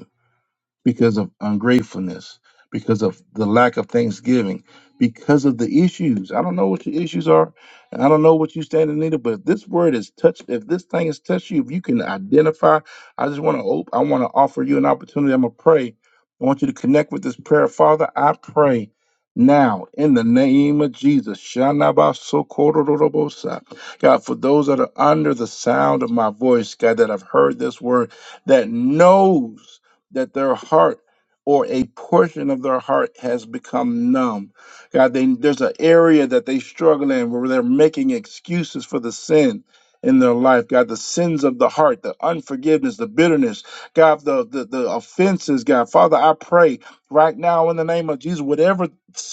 S2: because of ungratefulness, because of the lack of thanksgiving, because of the issues. I don't know what your issues are, and I don't know what you stand in need of, but if this word is touched, if this thing has touched you, if you can identify, I just want to op- I want to offer you an opportunity. I'm gonna pray. I want you to connect with this prayer. Father, I pray now in the name of Jesus. Shanabasokorororobosa. God, for those that are under the sound of my voice, God, that have heard this word, that knows that their heart or a portion of their heart has become numb. God, they, there's an area that they struggle in where they're making excuses for the sin in their life. God, the sins of the heart, the unforgiveness, the bitterness, God, the, the, the offenses, God. Father, I pray right now in the name of Jesus, whatever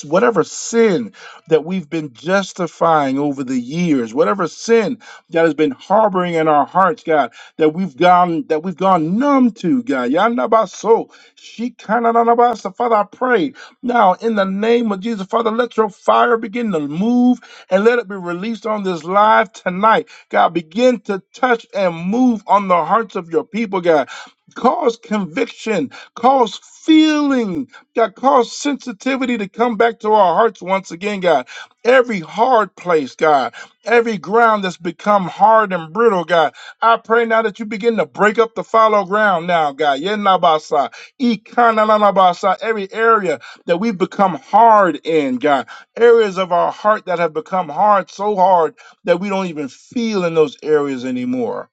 S2: whatever sin that we've been justifying over the years, whatever sin that has been harboring in our hearts, God that we've gone that we've gone numb to, God. Yanabaso, shikananabasa. Father, I pray now in the name of Jesus, Father, let your fire begin to move and let it be released on this live tonight. God, begin to touch and move on the hearts of your people, God. Cause conviction, cause feeling, God, cause sensitivity to come back to our hearts once again, God. Every hard place, God, every ground that's become hard and brittle, God. I pray now that you begin to break up the fallow ground now, God. Yenabasa, ikananabasa, every area that we've become hard in, God. Areas of our heart that have become hard, so hard that we don't even feel in those areas anymore.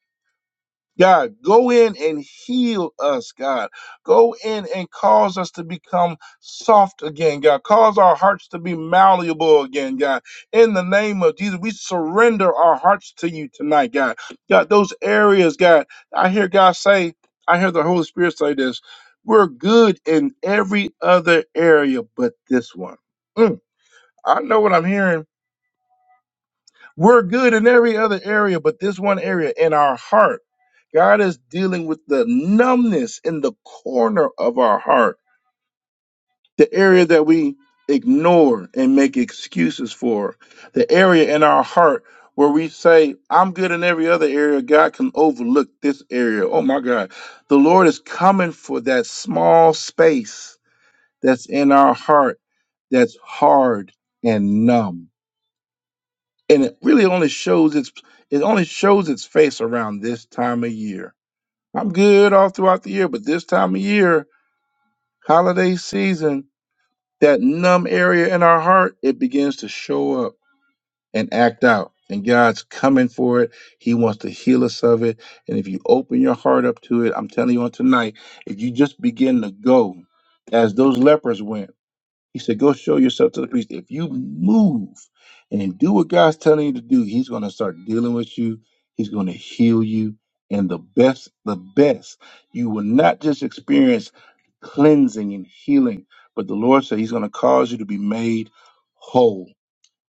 S2: God, go in and heal us, God. Go in and cause us to become soft again, God. Cause our hearts to be malleable again, God. In the name of Jesus, we surrender our hearts to you tonight, God. God, those areas, God, I hear God say, I hear the Holy Spirit say this we're good in every other area but this one. Mm, I know what I'm hearing we're good in every other area, but this one area in our heart, God is dealing with the numbness in the corner of our heart, the area that we ignore and make excuses for, the area in our heart where we say, I'm good in every other area. God can overlook this area. Oh my God. The Lord is coming for that small space that's in our heart that's hard and numb and it really only shows its it only shows its face around this time of year. I'm good all throughout the year, but this time of year, holiday season, that numb area in our heart, it begins to show up and act out. And God's coming for it. He wants to heal us of it. And if you open your heart up to it, I'm telling you on tonight, if you just begin to go as those lepers went he said, Go show yourself to the priest. If you move and do what God's telling you to do, He's going to start dealing with you. He's going to heal you. And the best, the best, you will not just experience cleansing and healing, but the Lord said He's going to cause you to be made whole.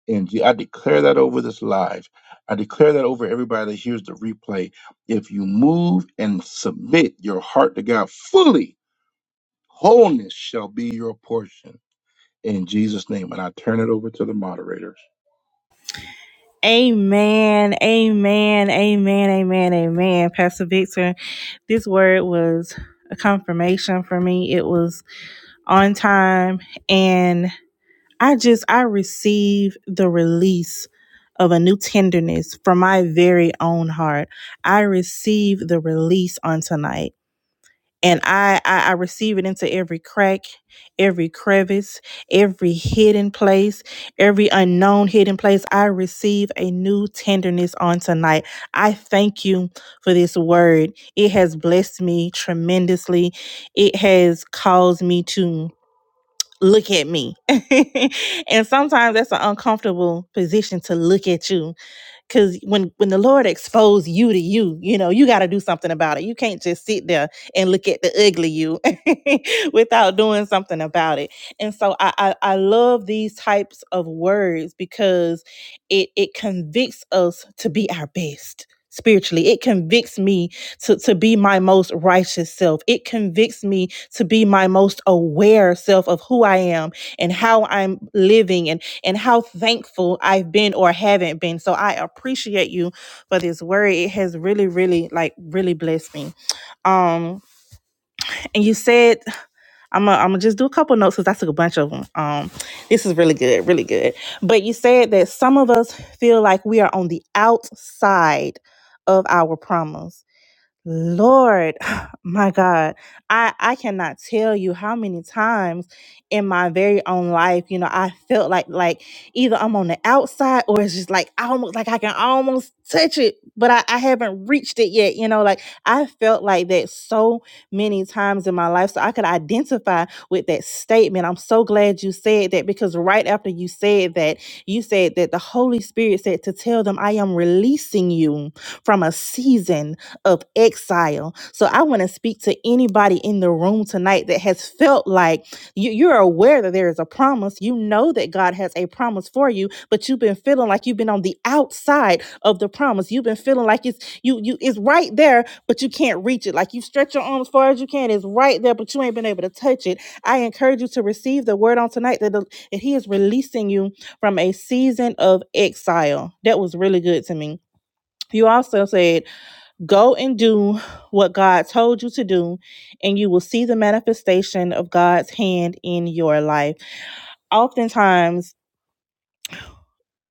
S2: And Je- I declare that over this live. I declare that over everybody that hears the replay. If you move and submit your heart to God fully, wholeness shall be your portion in Jesus' name. And I turn it over to the moderators.
S1: Amen. Amen. Amen. Amen. Amen. Pastor Victor, this word was a confirmation for me. It was on time and. I just I receive the release of a new tenderness from my very own heart. I receive the release on tonight. And I, I I receive it into every crack, every crevice, every hidden place, every unknown hidden place. I receive a new tenderness on tonight. I thank you for this word. It has blessed me tremendously. It has caused me to look at me. *laughs* and sometimes that's an uncomfortable position to look at you Cause when when the Lord exposed you to you, you know, you gotta do something about it. You can't just sit there and look at the ugly you *laughs* without doing something about it. And so I, I I love these types of words because it it convicts us to be our best spiritually. It convicts me to, to be my most righteous self. It convicts me to be my most aware self of who I am and how I'm living and and how thankful I've been or haven't been. So I appreciate you for this word. It has really, really, like, really blessed me. Um, and you said I'm gonna I'm just do a couple notes because I took a bunch of them. Um, this is really good, really good. But you said that some of us feel like we are on the outside of our promise Lord, *sighs* my God, I I cannot tell you how many times in my very own life, you know, I felt like like either I'm on the outside or it's just like I almost like I can almost touch it, but I, I haven't reached it yet. You know, like I felt like that so many times in my life. So I could identify with that statement. I'm so glad you said that because right after you said that, you said that the Holy Spirit said to tell them I am releasing you from a season of exile. So I want to speak to anybody in the room tonight that has felt like you, you're aware that there is a promise. You know that God has a promise for you, but you've been feeling like you've been on the outside of the promise. You've been feeling like it's you you it's right there, but you can't reach it. Like you stretch your arm as far as you can, it's right there, but you ain't been able to touch it. I encourage you to receive the word on tonight that, the, that He is releasing you from a season of exile. That was really good to me. You also said Go and do what God told you to do, and you will see the manifestation of God's hand in your life. Oftentimes,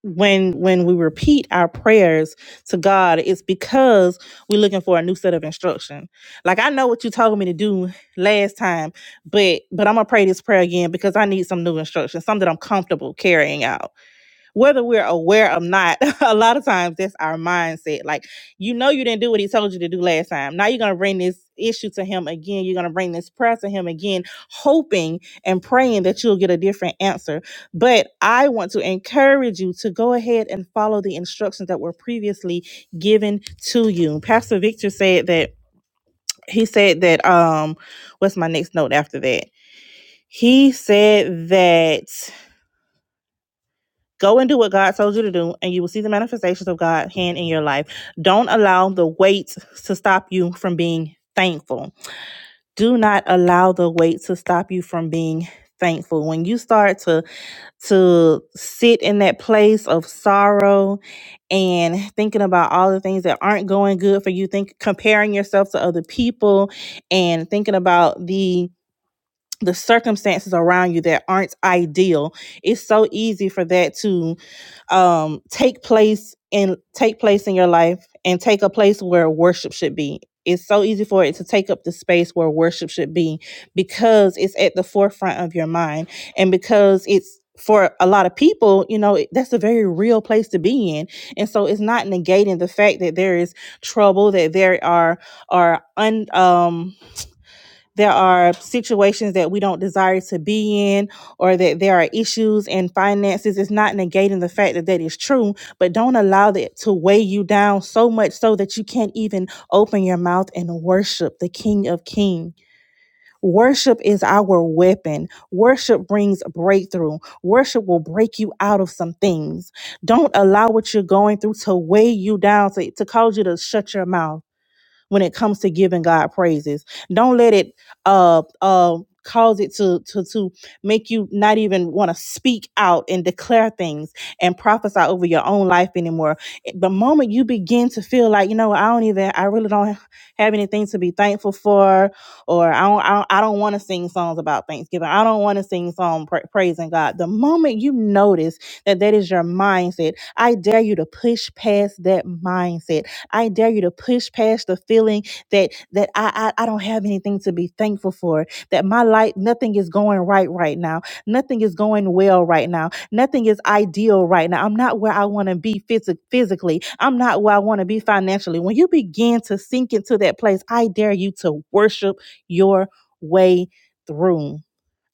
S1: when when we repeat our prayers to God, it's because we're looking for a new set of instruction. Like I know what you told me to do last time, but but I'm gonna pray this prayer again because I need some new instruction, something that I'm comfortable carrying out whether we're aware or not, *laughs* a lot of times that's our mindset. Like, you know, you didn't do what he told you to do last time. Now you're going to bring this issue to him again. You're going to bring this prayer to him again, hoping and praying that you'll get a different answer. But I want to encourage you to go ahead and follow the instructions that were previously given to you. Pastor Victor said that he said that, um, what's my next note after that? He said that. Go and do what God told you to do, and you will see the manifestations of God's hand in your life. Don't allow the weight to stop you from being thankful. Do not allow the weight to stop you from being thankful. When you start to to sit in that place of sorrow and thinking about all the things that aren't going good for you, think comparing yourself to other people and thinking about the the circumstances around you that aren't ideal it's so easy for that to um take place and take place in your life and take a place where worship should be it's so easy for it to take up the space where worship should be because it's at the forefront of your mind and because it's for a lot of people you know it- that's a very real place to be in and so it's not negating the fact that there is trouble that there are are un um there are situations that we don't desire to be in or that there are issues in finances it's not negating the fact that that is true but don't allow that to weigh you down so much so that you can't even open your mouth and worship the king of King. worship is our weapon worship brings breakthrough worship will break you out of some things don't allow what you're going through to weigh you down to, to cause you to shut your mouth when it comes to giving God praises. Don't let it uh uh cause it to to to make you not even want to speak out and declare things and prophesy over your own life anymore. Eh, The moment you begin to feel like, you know, I don't even I really don't have anything to be thankful for or I don't I don't, I don't want to sing songs about Thanksgiving. I don't want to sing song pra- praising God. The moment you notice that that is your mindset, I dare you to push past that mindset I dare you to push past the feeling that that I, I I don't have anything to be thankful for. That my life, nothing is going right right now. Nothing is going well right now. Nothing is ideal right now. I'm not where I want to be physi- physically. I'm not where I want to be financially. When you begin to sink into that place, I dare you to worship your way through.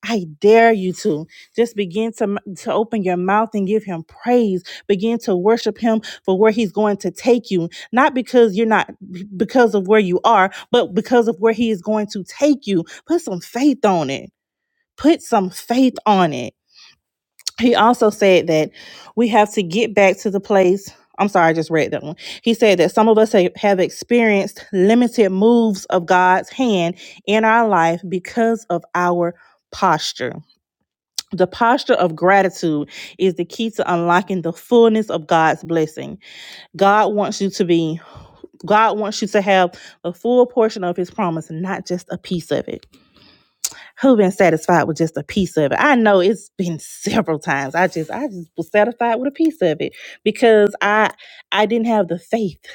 S1: I dare you to just begin to, to open your mouth and give him praise. Begin to worship him for where he's going to take you. Not because you're not, because of where you are, but because of where he is going to take you. Put some faith on it. Put some faith on it. He also said that we have to get back to the place. I'm sorry, I just read that one. He said that some of us ha- have experienced limited moves of God's hand in our life because of our posture the posture of gratitude is the key to unlocking the fullness of God's blessing. God wants you to be God wants you to have a full portion of his promise, not just a piece of it. Who been satisfied with just a piece of it? I know it's been *laughs* several times. I just I just was satisfied with a piece of it because I I didn't have the faith.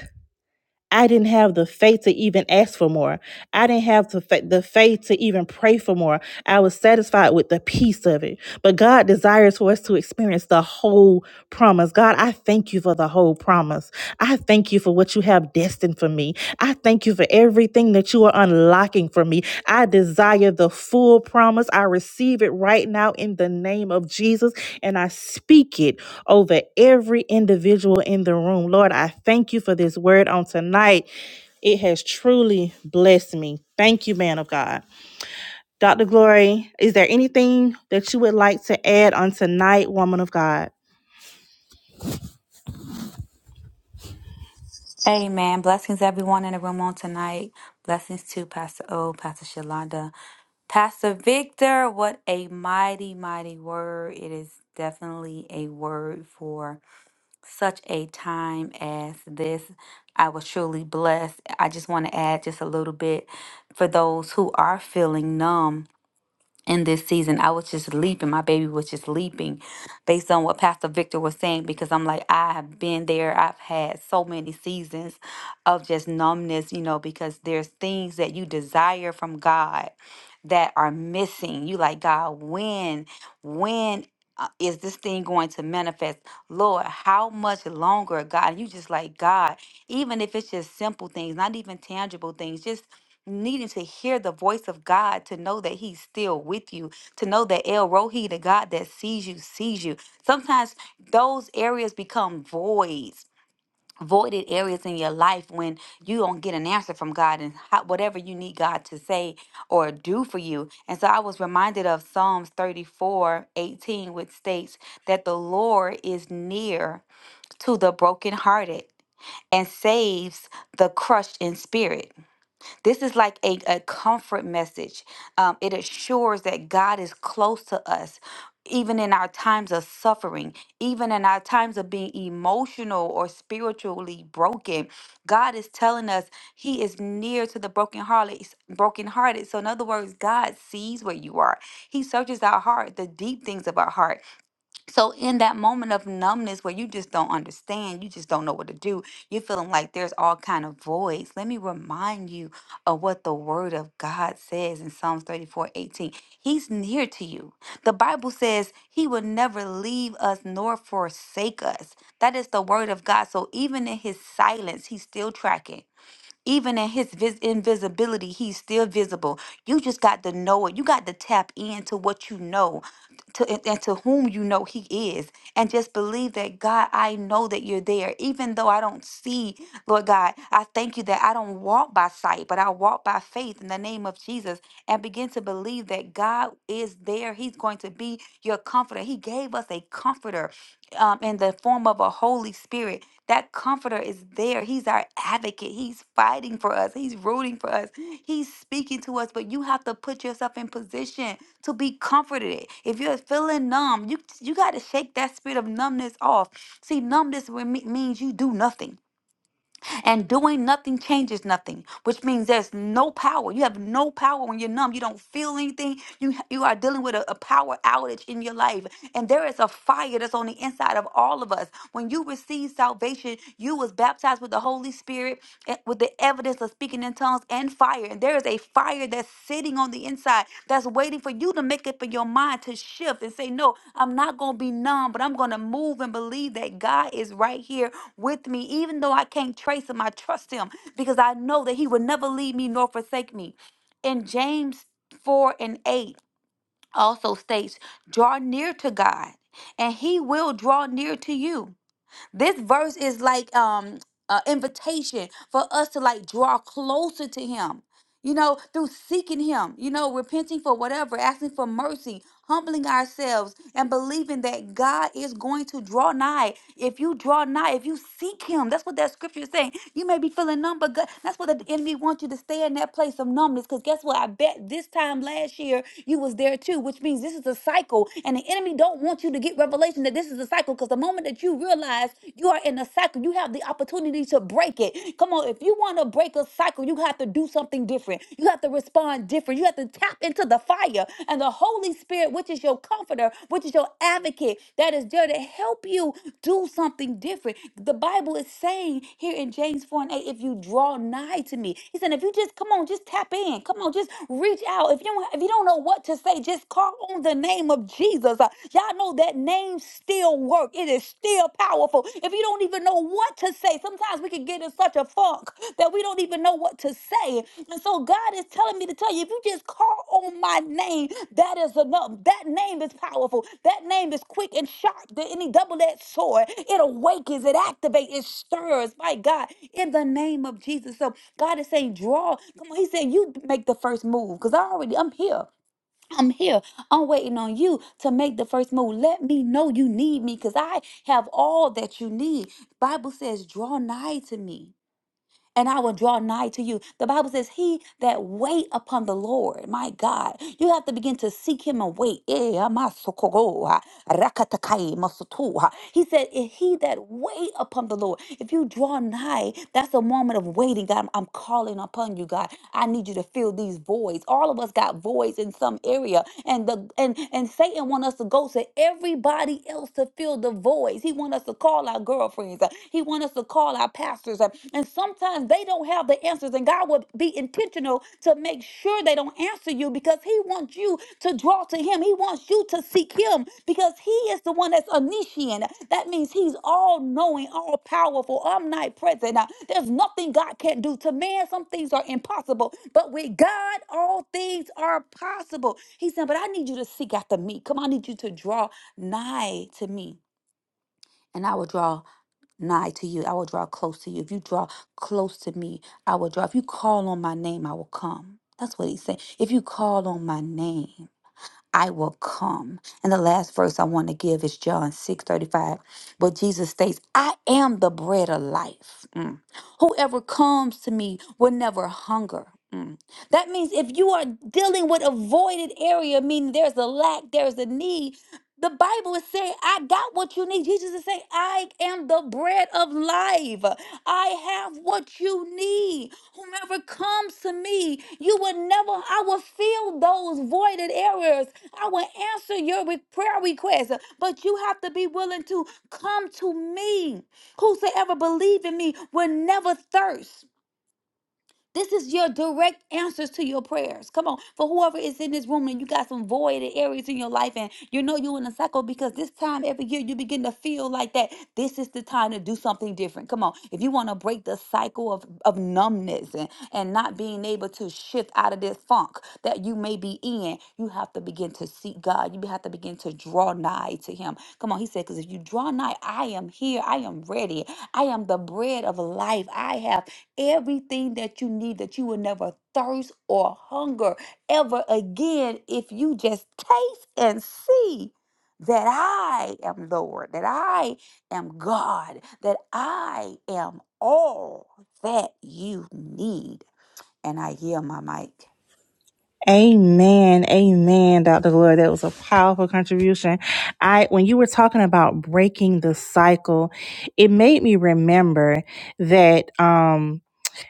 S1: I didn't have the faith to even ask for more. I didn't have the, fa- the faith to even pray for more. I was satisfied with the peace of it. But God desires for us to experience the whole promise. God, I thank you for the whole promise. I thank you for what you have destined for me. I thank you for everything that you are unlocking for me. I desire the full promise. I receive it right now in the name of Jesus, and I speak it over every individual in the room. Lord, I thank you for this word on tonight. It has truly blessed me. Thank you, man of God. Dr. Glory, is there anything that you would like to add on tonight, woman of God?
S3: Amen. Blessings, everyone in the room on tonight. Blessings to Pastor O, Pastor Shalonda, Pastor Victor. What a mighty, mighty word. It is definitely a word for such a time as this. I was truly blessed. I just want to add just a little bit for those who are feeling numb in this season. I was just leaping. My baby was just leaping based on what Pastor Victor was saying because I'm like, I have been there. I've had so many seasons of just numbness, you know, because there's things that you desire from God that are missing. You like, God, when, when uh, is this thing going to manifest? Lord, how much longer, God? You just like, God, even if it's just simple things, not even tangible things, just needing to hear the voice of God to know that He's still with you, to know that El Rohi, the God that sees you, sees you. Sometimes those areas become voids. Voided areas in your life when you don't get an answer from God and how, whatever you need God to say or do for you. And so I was reminded of Psalms 34 18, which states that the Lord is near to the brokenhearted and saves the crushed in spirit. This is like a, a comfort message. Um, it assures that God is close to us. Even in our times of suffering, even in our times of being emotional or spiritually broken, God is telling us He is near to the brokenhearted. brokenhearted. So, in other words, God sees where you are. He searches our heart, the deep things of our heart. So in that moment of numbness where you just don't understand, you just don't know what to do, you're feeling like there's all kind of voids. Let me remind you of what the word of God says in Psalms 34 18. He's near to you. The Bible says he will never leave us nor forsake us. That is the word of God. So even in his silence, he's still tracking. Even in his vis- invisibility, he's still visible. You just got to know it. You got to tap into what you know to, and and to whom you know he is. And just believe that, God, I know that you're there. Even though I don't see, Lord God, I thank you that I don't walk by sight, but I walk by faith in the name of Jesus and begin to believe that God is there. He's going to be your comforter. He gave us a comforter um, in the form of a Holy Spirit that comforter is there. He's our advocate. He's fighting for us. He's rooting for us. He's speaking to us, but you have to put yourself in position to be comforted. If you're feeling numb, you you got to shake that spirit of numbness off. See, numbness reme- means you do nothing. And doing nothing changes nothing, which means there's no power. You have no power when you're numb. You don't feel anything. You you are dealing with a, a power outage in your life. And there is a fire that's on the inside of all of us. When you receive salvation, you was baptized with the Holy Spirit e- with the evidence of speaking in tongues and fire. And there is a fire that's sitting on the inside that's waiting for you to make up in your mind to shift and say, No, I'm not going to be numb, but I'm going to move and believe that God is right here with me. Even though I can't trace Him, I trust Him because I know that He will never leave me nor forsake me. In James 4 and 8 also states, Draw near to God, and He will draw near to you. This verse is like um an invitation for us to like draw closer to him you know, through seeking Him, you know, repenting for whatever, asking for mercy, humbling ourselves, and believing that God is going to draw nigh. If you draw nigh, if you seek Him, that's what that scripture is saying. You may be feeling numb, but God, that's what the enemy wants you to stay in that place of numbness. Because guess what? I bet this time last year you was there too, which means this is a cycle, and the enemy don't want you to get revelation that this is a cycle. Because the moment that you realize you are in a cycle, you have the opportunity opportunity to break it. Come on, if you want to break a cycle, you have to do something different. You have to respond different. You have to tap into the fire and the Holy Spirit, which is your comforter, which is your advocate, that is there to help you do something different. The Bible is saying here in James 4 and 8, if you draw nigh to me, he said, if you just come on, just tap in. Come on, just reach out. If you don't, if you don't know what to say, just call on the name of Jesus. Uh, Y'all know that name names still work. It is still powerful. If you don't even know what to say, sometimes we can get in such a funk that we don't even know what to say. And so God is telling me to tell you, if you just call on my name, that is enough. That name is powerful. That name is quick and sharp than any double-edged sword. It awakens, it activates, it stirs. My God, in the name of Jesus. So God is saying, draw. Come on, He's saying, you make the first move because I already, I'm here. I'm here. I'm waiting on you to make the first move. Let me know you need me because I have all that you need. Bible says, draw nigh to me. And I will draw nigh to you. The Bible says, He that wait upon the Lord, my God, you have to begin to seek Him and wait. Eh, amasokogo. Rakatakai masutu. He said, If he that wait upon the Lord, if you draw nigh, that's a moment of waiting. God, I'm calling upon you, God. I need you to fill these voids. All of us got voids in some area. And the and and Satan want us to go to everybody else to fill the voids. He want us to call our girlfriends. uh, He want us to call our pastors. uh, And sometimes they don't have the answer answers and God will be intentional to make sure they don't answer you because He wants you to draw to Him. He wants you to seek Him because He is the one that's omniscient. That means He's all knowing, all powerful, omnipresent. Now, there's nothing God can't do. To man, some things are impossible, but with God, all things are possible. He said, But I need you to seek after me. Come on, I need you to draw nigh to me, and I will draw nigh to you, I will draw close to you. If you draw close to me, I will draw. If you call on my name, I will come. That's what he's saying. If you call on my name, I will come. And the last verse I want to give is John 6 35. But Jesus states, I am the bread of life. Mm. Whoever comes to me will never hunger. Mm. That means if you are dealing with a voided area, meaning there's a lack, there's a need, the Bible is saying, I got what you need. Jesus is saying, I am the bread of life. I have what you need. Whomever comes to me, you will never, I will fill those voided areas. I will answer your re- prayer request. But you have to be willing to come to me. Whosoever believe in me will never thirst. This is your direct answers to your prayers. Come on, for whoever is in this room and you got some voided areas in your life, and you know you're in a cycle because this time every year you begin to feel like that. This is the time to do something different. Come on, if you want to break the cycle of, of numbness and, and not being able to shift out of this funk that you may be in, you have to begin to seek God. You have to begin to draw nigh to Him. Come on, He said, because if you draw nigh, I am here. I am ready. I am the bread of life. I have everything that you need that you will never thirst or hunger ever again if you just taste and see that I am Lord, that I am God, that I am all that you need. And I yield my mic.
S1: Amen. Amen, Dr. Glory. That was a powerful contribution. I when you were talking about breaking the cycle, it made me remember that um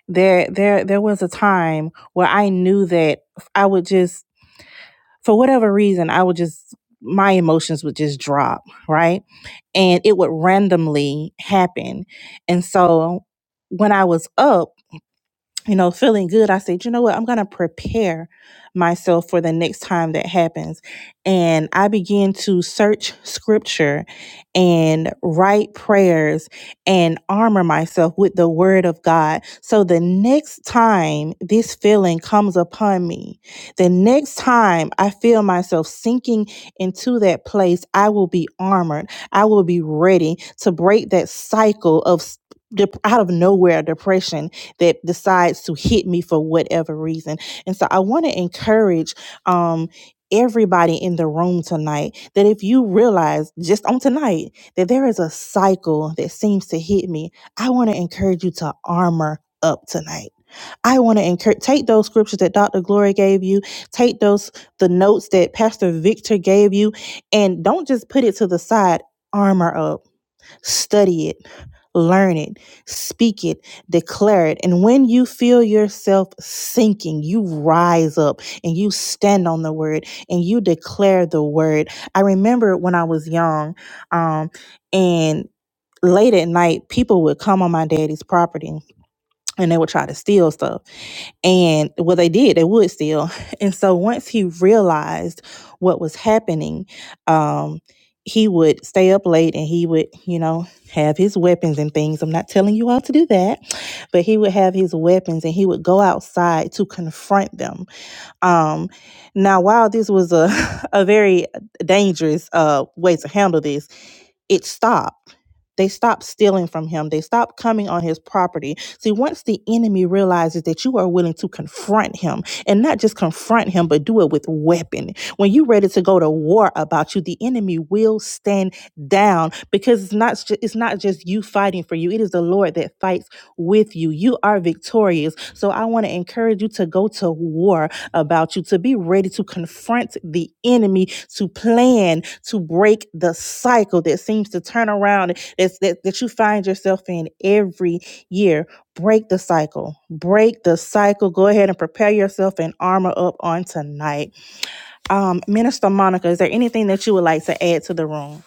S1: there there there was a time where I knew that I would just for whatever reason, I would just, my emotions would just drop, right? And it would randomly happen. And so when I was up, you know, feeling good, I said, you know what, I'm going to prepare myself for the next time that happens. And I began to search scripture and write prayers and armor myself with the word of God. So the next time this feeling comes upon me, the next time I feel myself sinking into that place, I will be armored. I will be ready to break that cycle of. dep- Out of nowhere, depression that decides to hit me for whatever reason. And so I want to encourage um everybody in the room tonight that if you realize just on tonight that there is a cycle that seems to hit me, I want to encourage you to armor up tonight. I want to encourage take those scriptures that Dr. Glory gave you, take those the notes that Pastor Victor gave you, and don't just put it to the side. Armor up Study it, learn it, speak it, declare it. And when you feel yourself sinking, you rise up and you stand on the word and you declare the word. I remember when I was young, um, and late at night, people would come on my daddy's property and they would try to steal stuff. And well, they did, they would still. *laughs* And so once he realized what was happening, um, he would stay up late and he would, you know, have his weapons and things. I'm not telling you all to do that, but he would have his weapons and he would go outside to confront them um, now, while this was a, *laughs* a very dangerous uh, way to handle this, it stopped. They stopped stealing from him. They stopped coming on his property. See, once the enemy realizes that you are willing to confront him, and not just confront him, but do it with weapon. When you're ready to go to war about you, the enemy will stand down because it's not ju- it's not just you fighting for you. It is the Lord that fights with you. You are victorious. So I want to encourage you to go to war about you, to be ready to confront the enemy, to plan to break the cycle that seems to turn around that's, that, that you find yourself in every year. Break the cycle. Break the cycle. Go ahead and prepare yourself and armor up on tonight. Um, Minister Monica, is there anything that you would like to add to the room?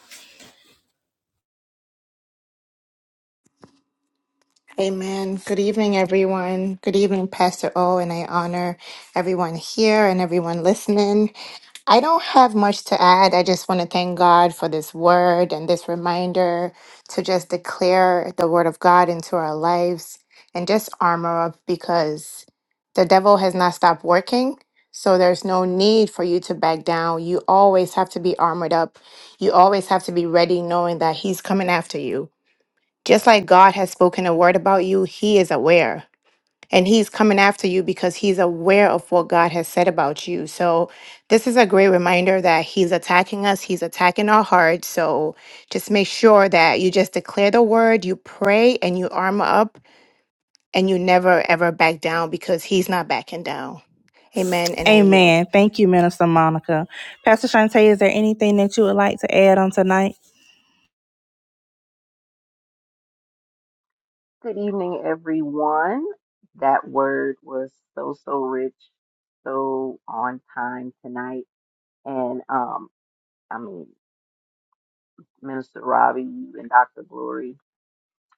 S4: Amen. Good evening, everyone. Good evening, Pastor O, and I honor everyone here and everyone listening. I don't have much to add. I just want to thank God for this word and this reminder to just declare the word of God into our lives and just armor up because the devil has not stopped working. So there's no need for you to back down. You always have to be armored up. You always have to be ready knowing that he's coming after you just like God has spoken a word about you, He is aware. And He's coming after you because He's aware of what God has said about you. So, this is a great reminder that He's attacking us, He's attacking our hearts. So, just make sure that you just declare the word, you pray, and you armor up, and you never ever back down because He's not backing down. Amen. And I yield.
S1: Amen. Thank you, Minister Monica. Pastor Shante, is there anything that you would like to add on tonight?
S5: Good evening, everyone. That word was so, so rich, so on time tonight. And um, I mean, Minister Robbie, you and Dr. Glory,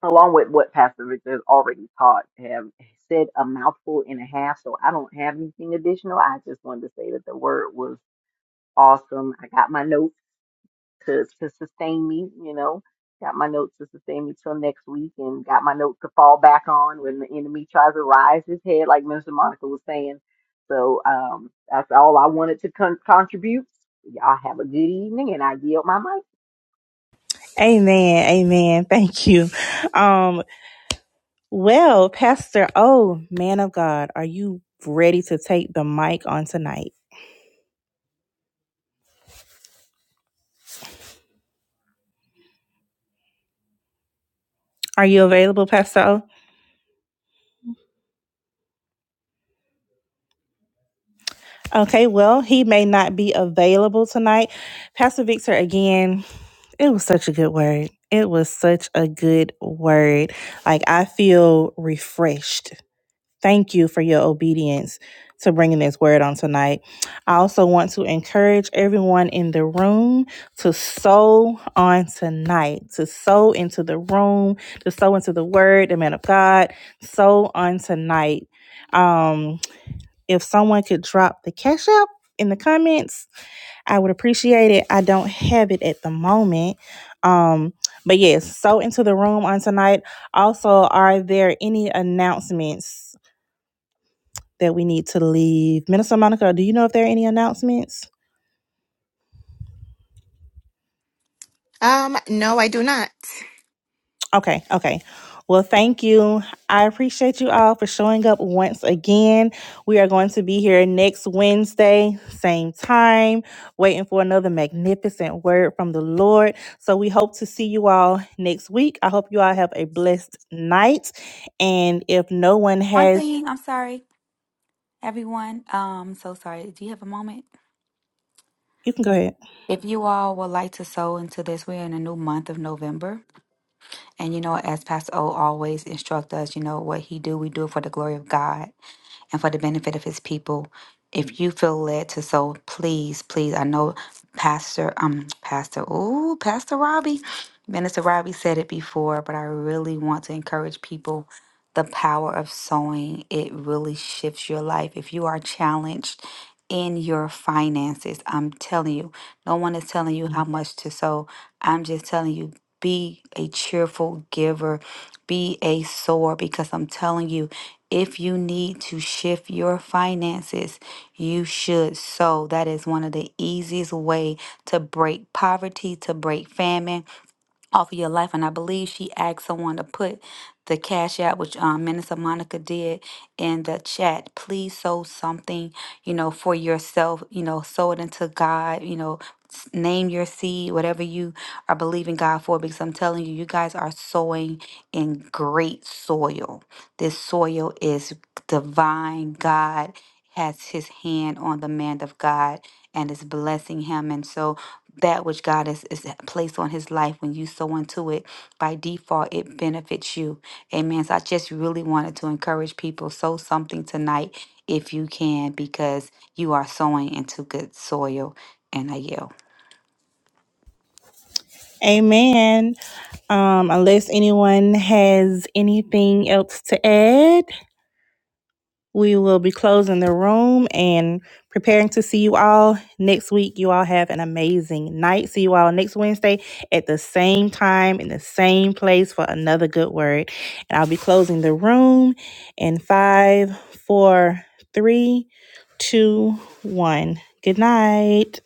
S5: along with what Pastor Victor has already taught, have said a mouthful and a half. So I don't have anything additional. I just wanted to say that the word was awesome. I got my notes. to to sustain me. You know, got my notes to sustain me till next week, and got my notes to fall back on when the enemy tries to rise his head, like Minister Monica was saying. So um, that's all I wanted to con- contribute. Y'all have a good evening, and I yield my mic.
S1: Amen. Amen. Thank you. Um, Well, Pastor O, man of God, are you ready to take the mic on tonight? Are you available, Pastor O? Okay, well, he may not be available tonight. Pastor Victor, again, it was such a good word. It was such a good word. Like, I feel refreshed Thank you for your obedience to bringing this word on tonight. I also want to encourage everyone in the room to sow on tonight, to sow into the room, to sow into the word, the man of God, sow on tonight. Um, if someone could drop the cash up in the comments, I would appreciate it. I don't have it at the moment. Um, but yes, sow into the room on tonight. Also, are there any announcements? that we need to leave. Minister Monica, do you know if there are any announcements?
S4: Um, no, I do not.
S1: Okay, okay. Well, thank you. I appreciate you all for showing up once again. We are going to be here next Wednesday, same time, waiting for another magnificent word from the Lord. So we hope to see you all next week. I hope you all have a blessed night. And if no one
S3: One
S1: has,
S3: thing, I'm sorry, everyone. Um, so sorry. Do you have a moment?
S1: you can go ahead.
S3: If you all would like to sow into this, we're in a new month of November. And you know, as Pastor O always instruct us, you know, what he do, we do it for the glory of God and for the benefit of his people. If you feel led to sow, please, please, I know Pastor, um, Pastor, ooh, Pastor Robbie, Minister Robbie said it before, but I really want to encourage people the power of sowing. It really shifts your life. If you are challenged in your finances, I'm telling you, no one is telling you how much to sow. I'm just telling you, be a cheerful giver, be a sower, because I'm telling you if you need to shift your finances, you should sow. That is one of the easiest way to break poverty, to break famine, off of your life. And I believe she asked someone to put the cash out, which um, Minister Monica did in the chat. Please sow something, you know, for yourself, you know, sow it into God, you know. s- Name your seed, whatever you are believing God for, because I'm telling you, you guys are sowing in great soil. This soil is divine. God has his hand on the man of God and is blessing him. And so, that which God has, has placed on his life, when you sow into it, by default, it benefits you. Amen. So I just really wanted to encourage people sow something tonight if you can, because you are sowing into good soil. And I yield.
S1: Amen. Um, unless anyone has anything else to add. We will be closing the room and preparing to see you all next week. You all have an amazing night. See you all next Wednesday at the same time in the same place for another good word. And I'll be closing the room in five, four, three, two, one. Good night.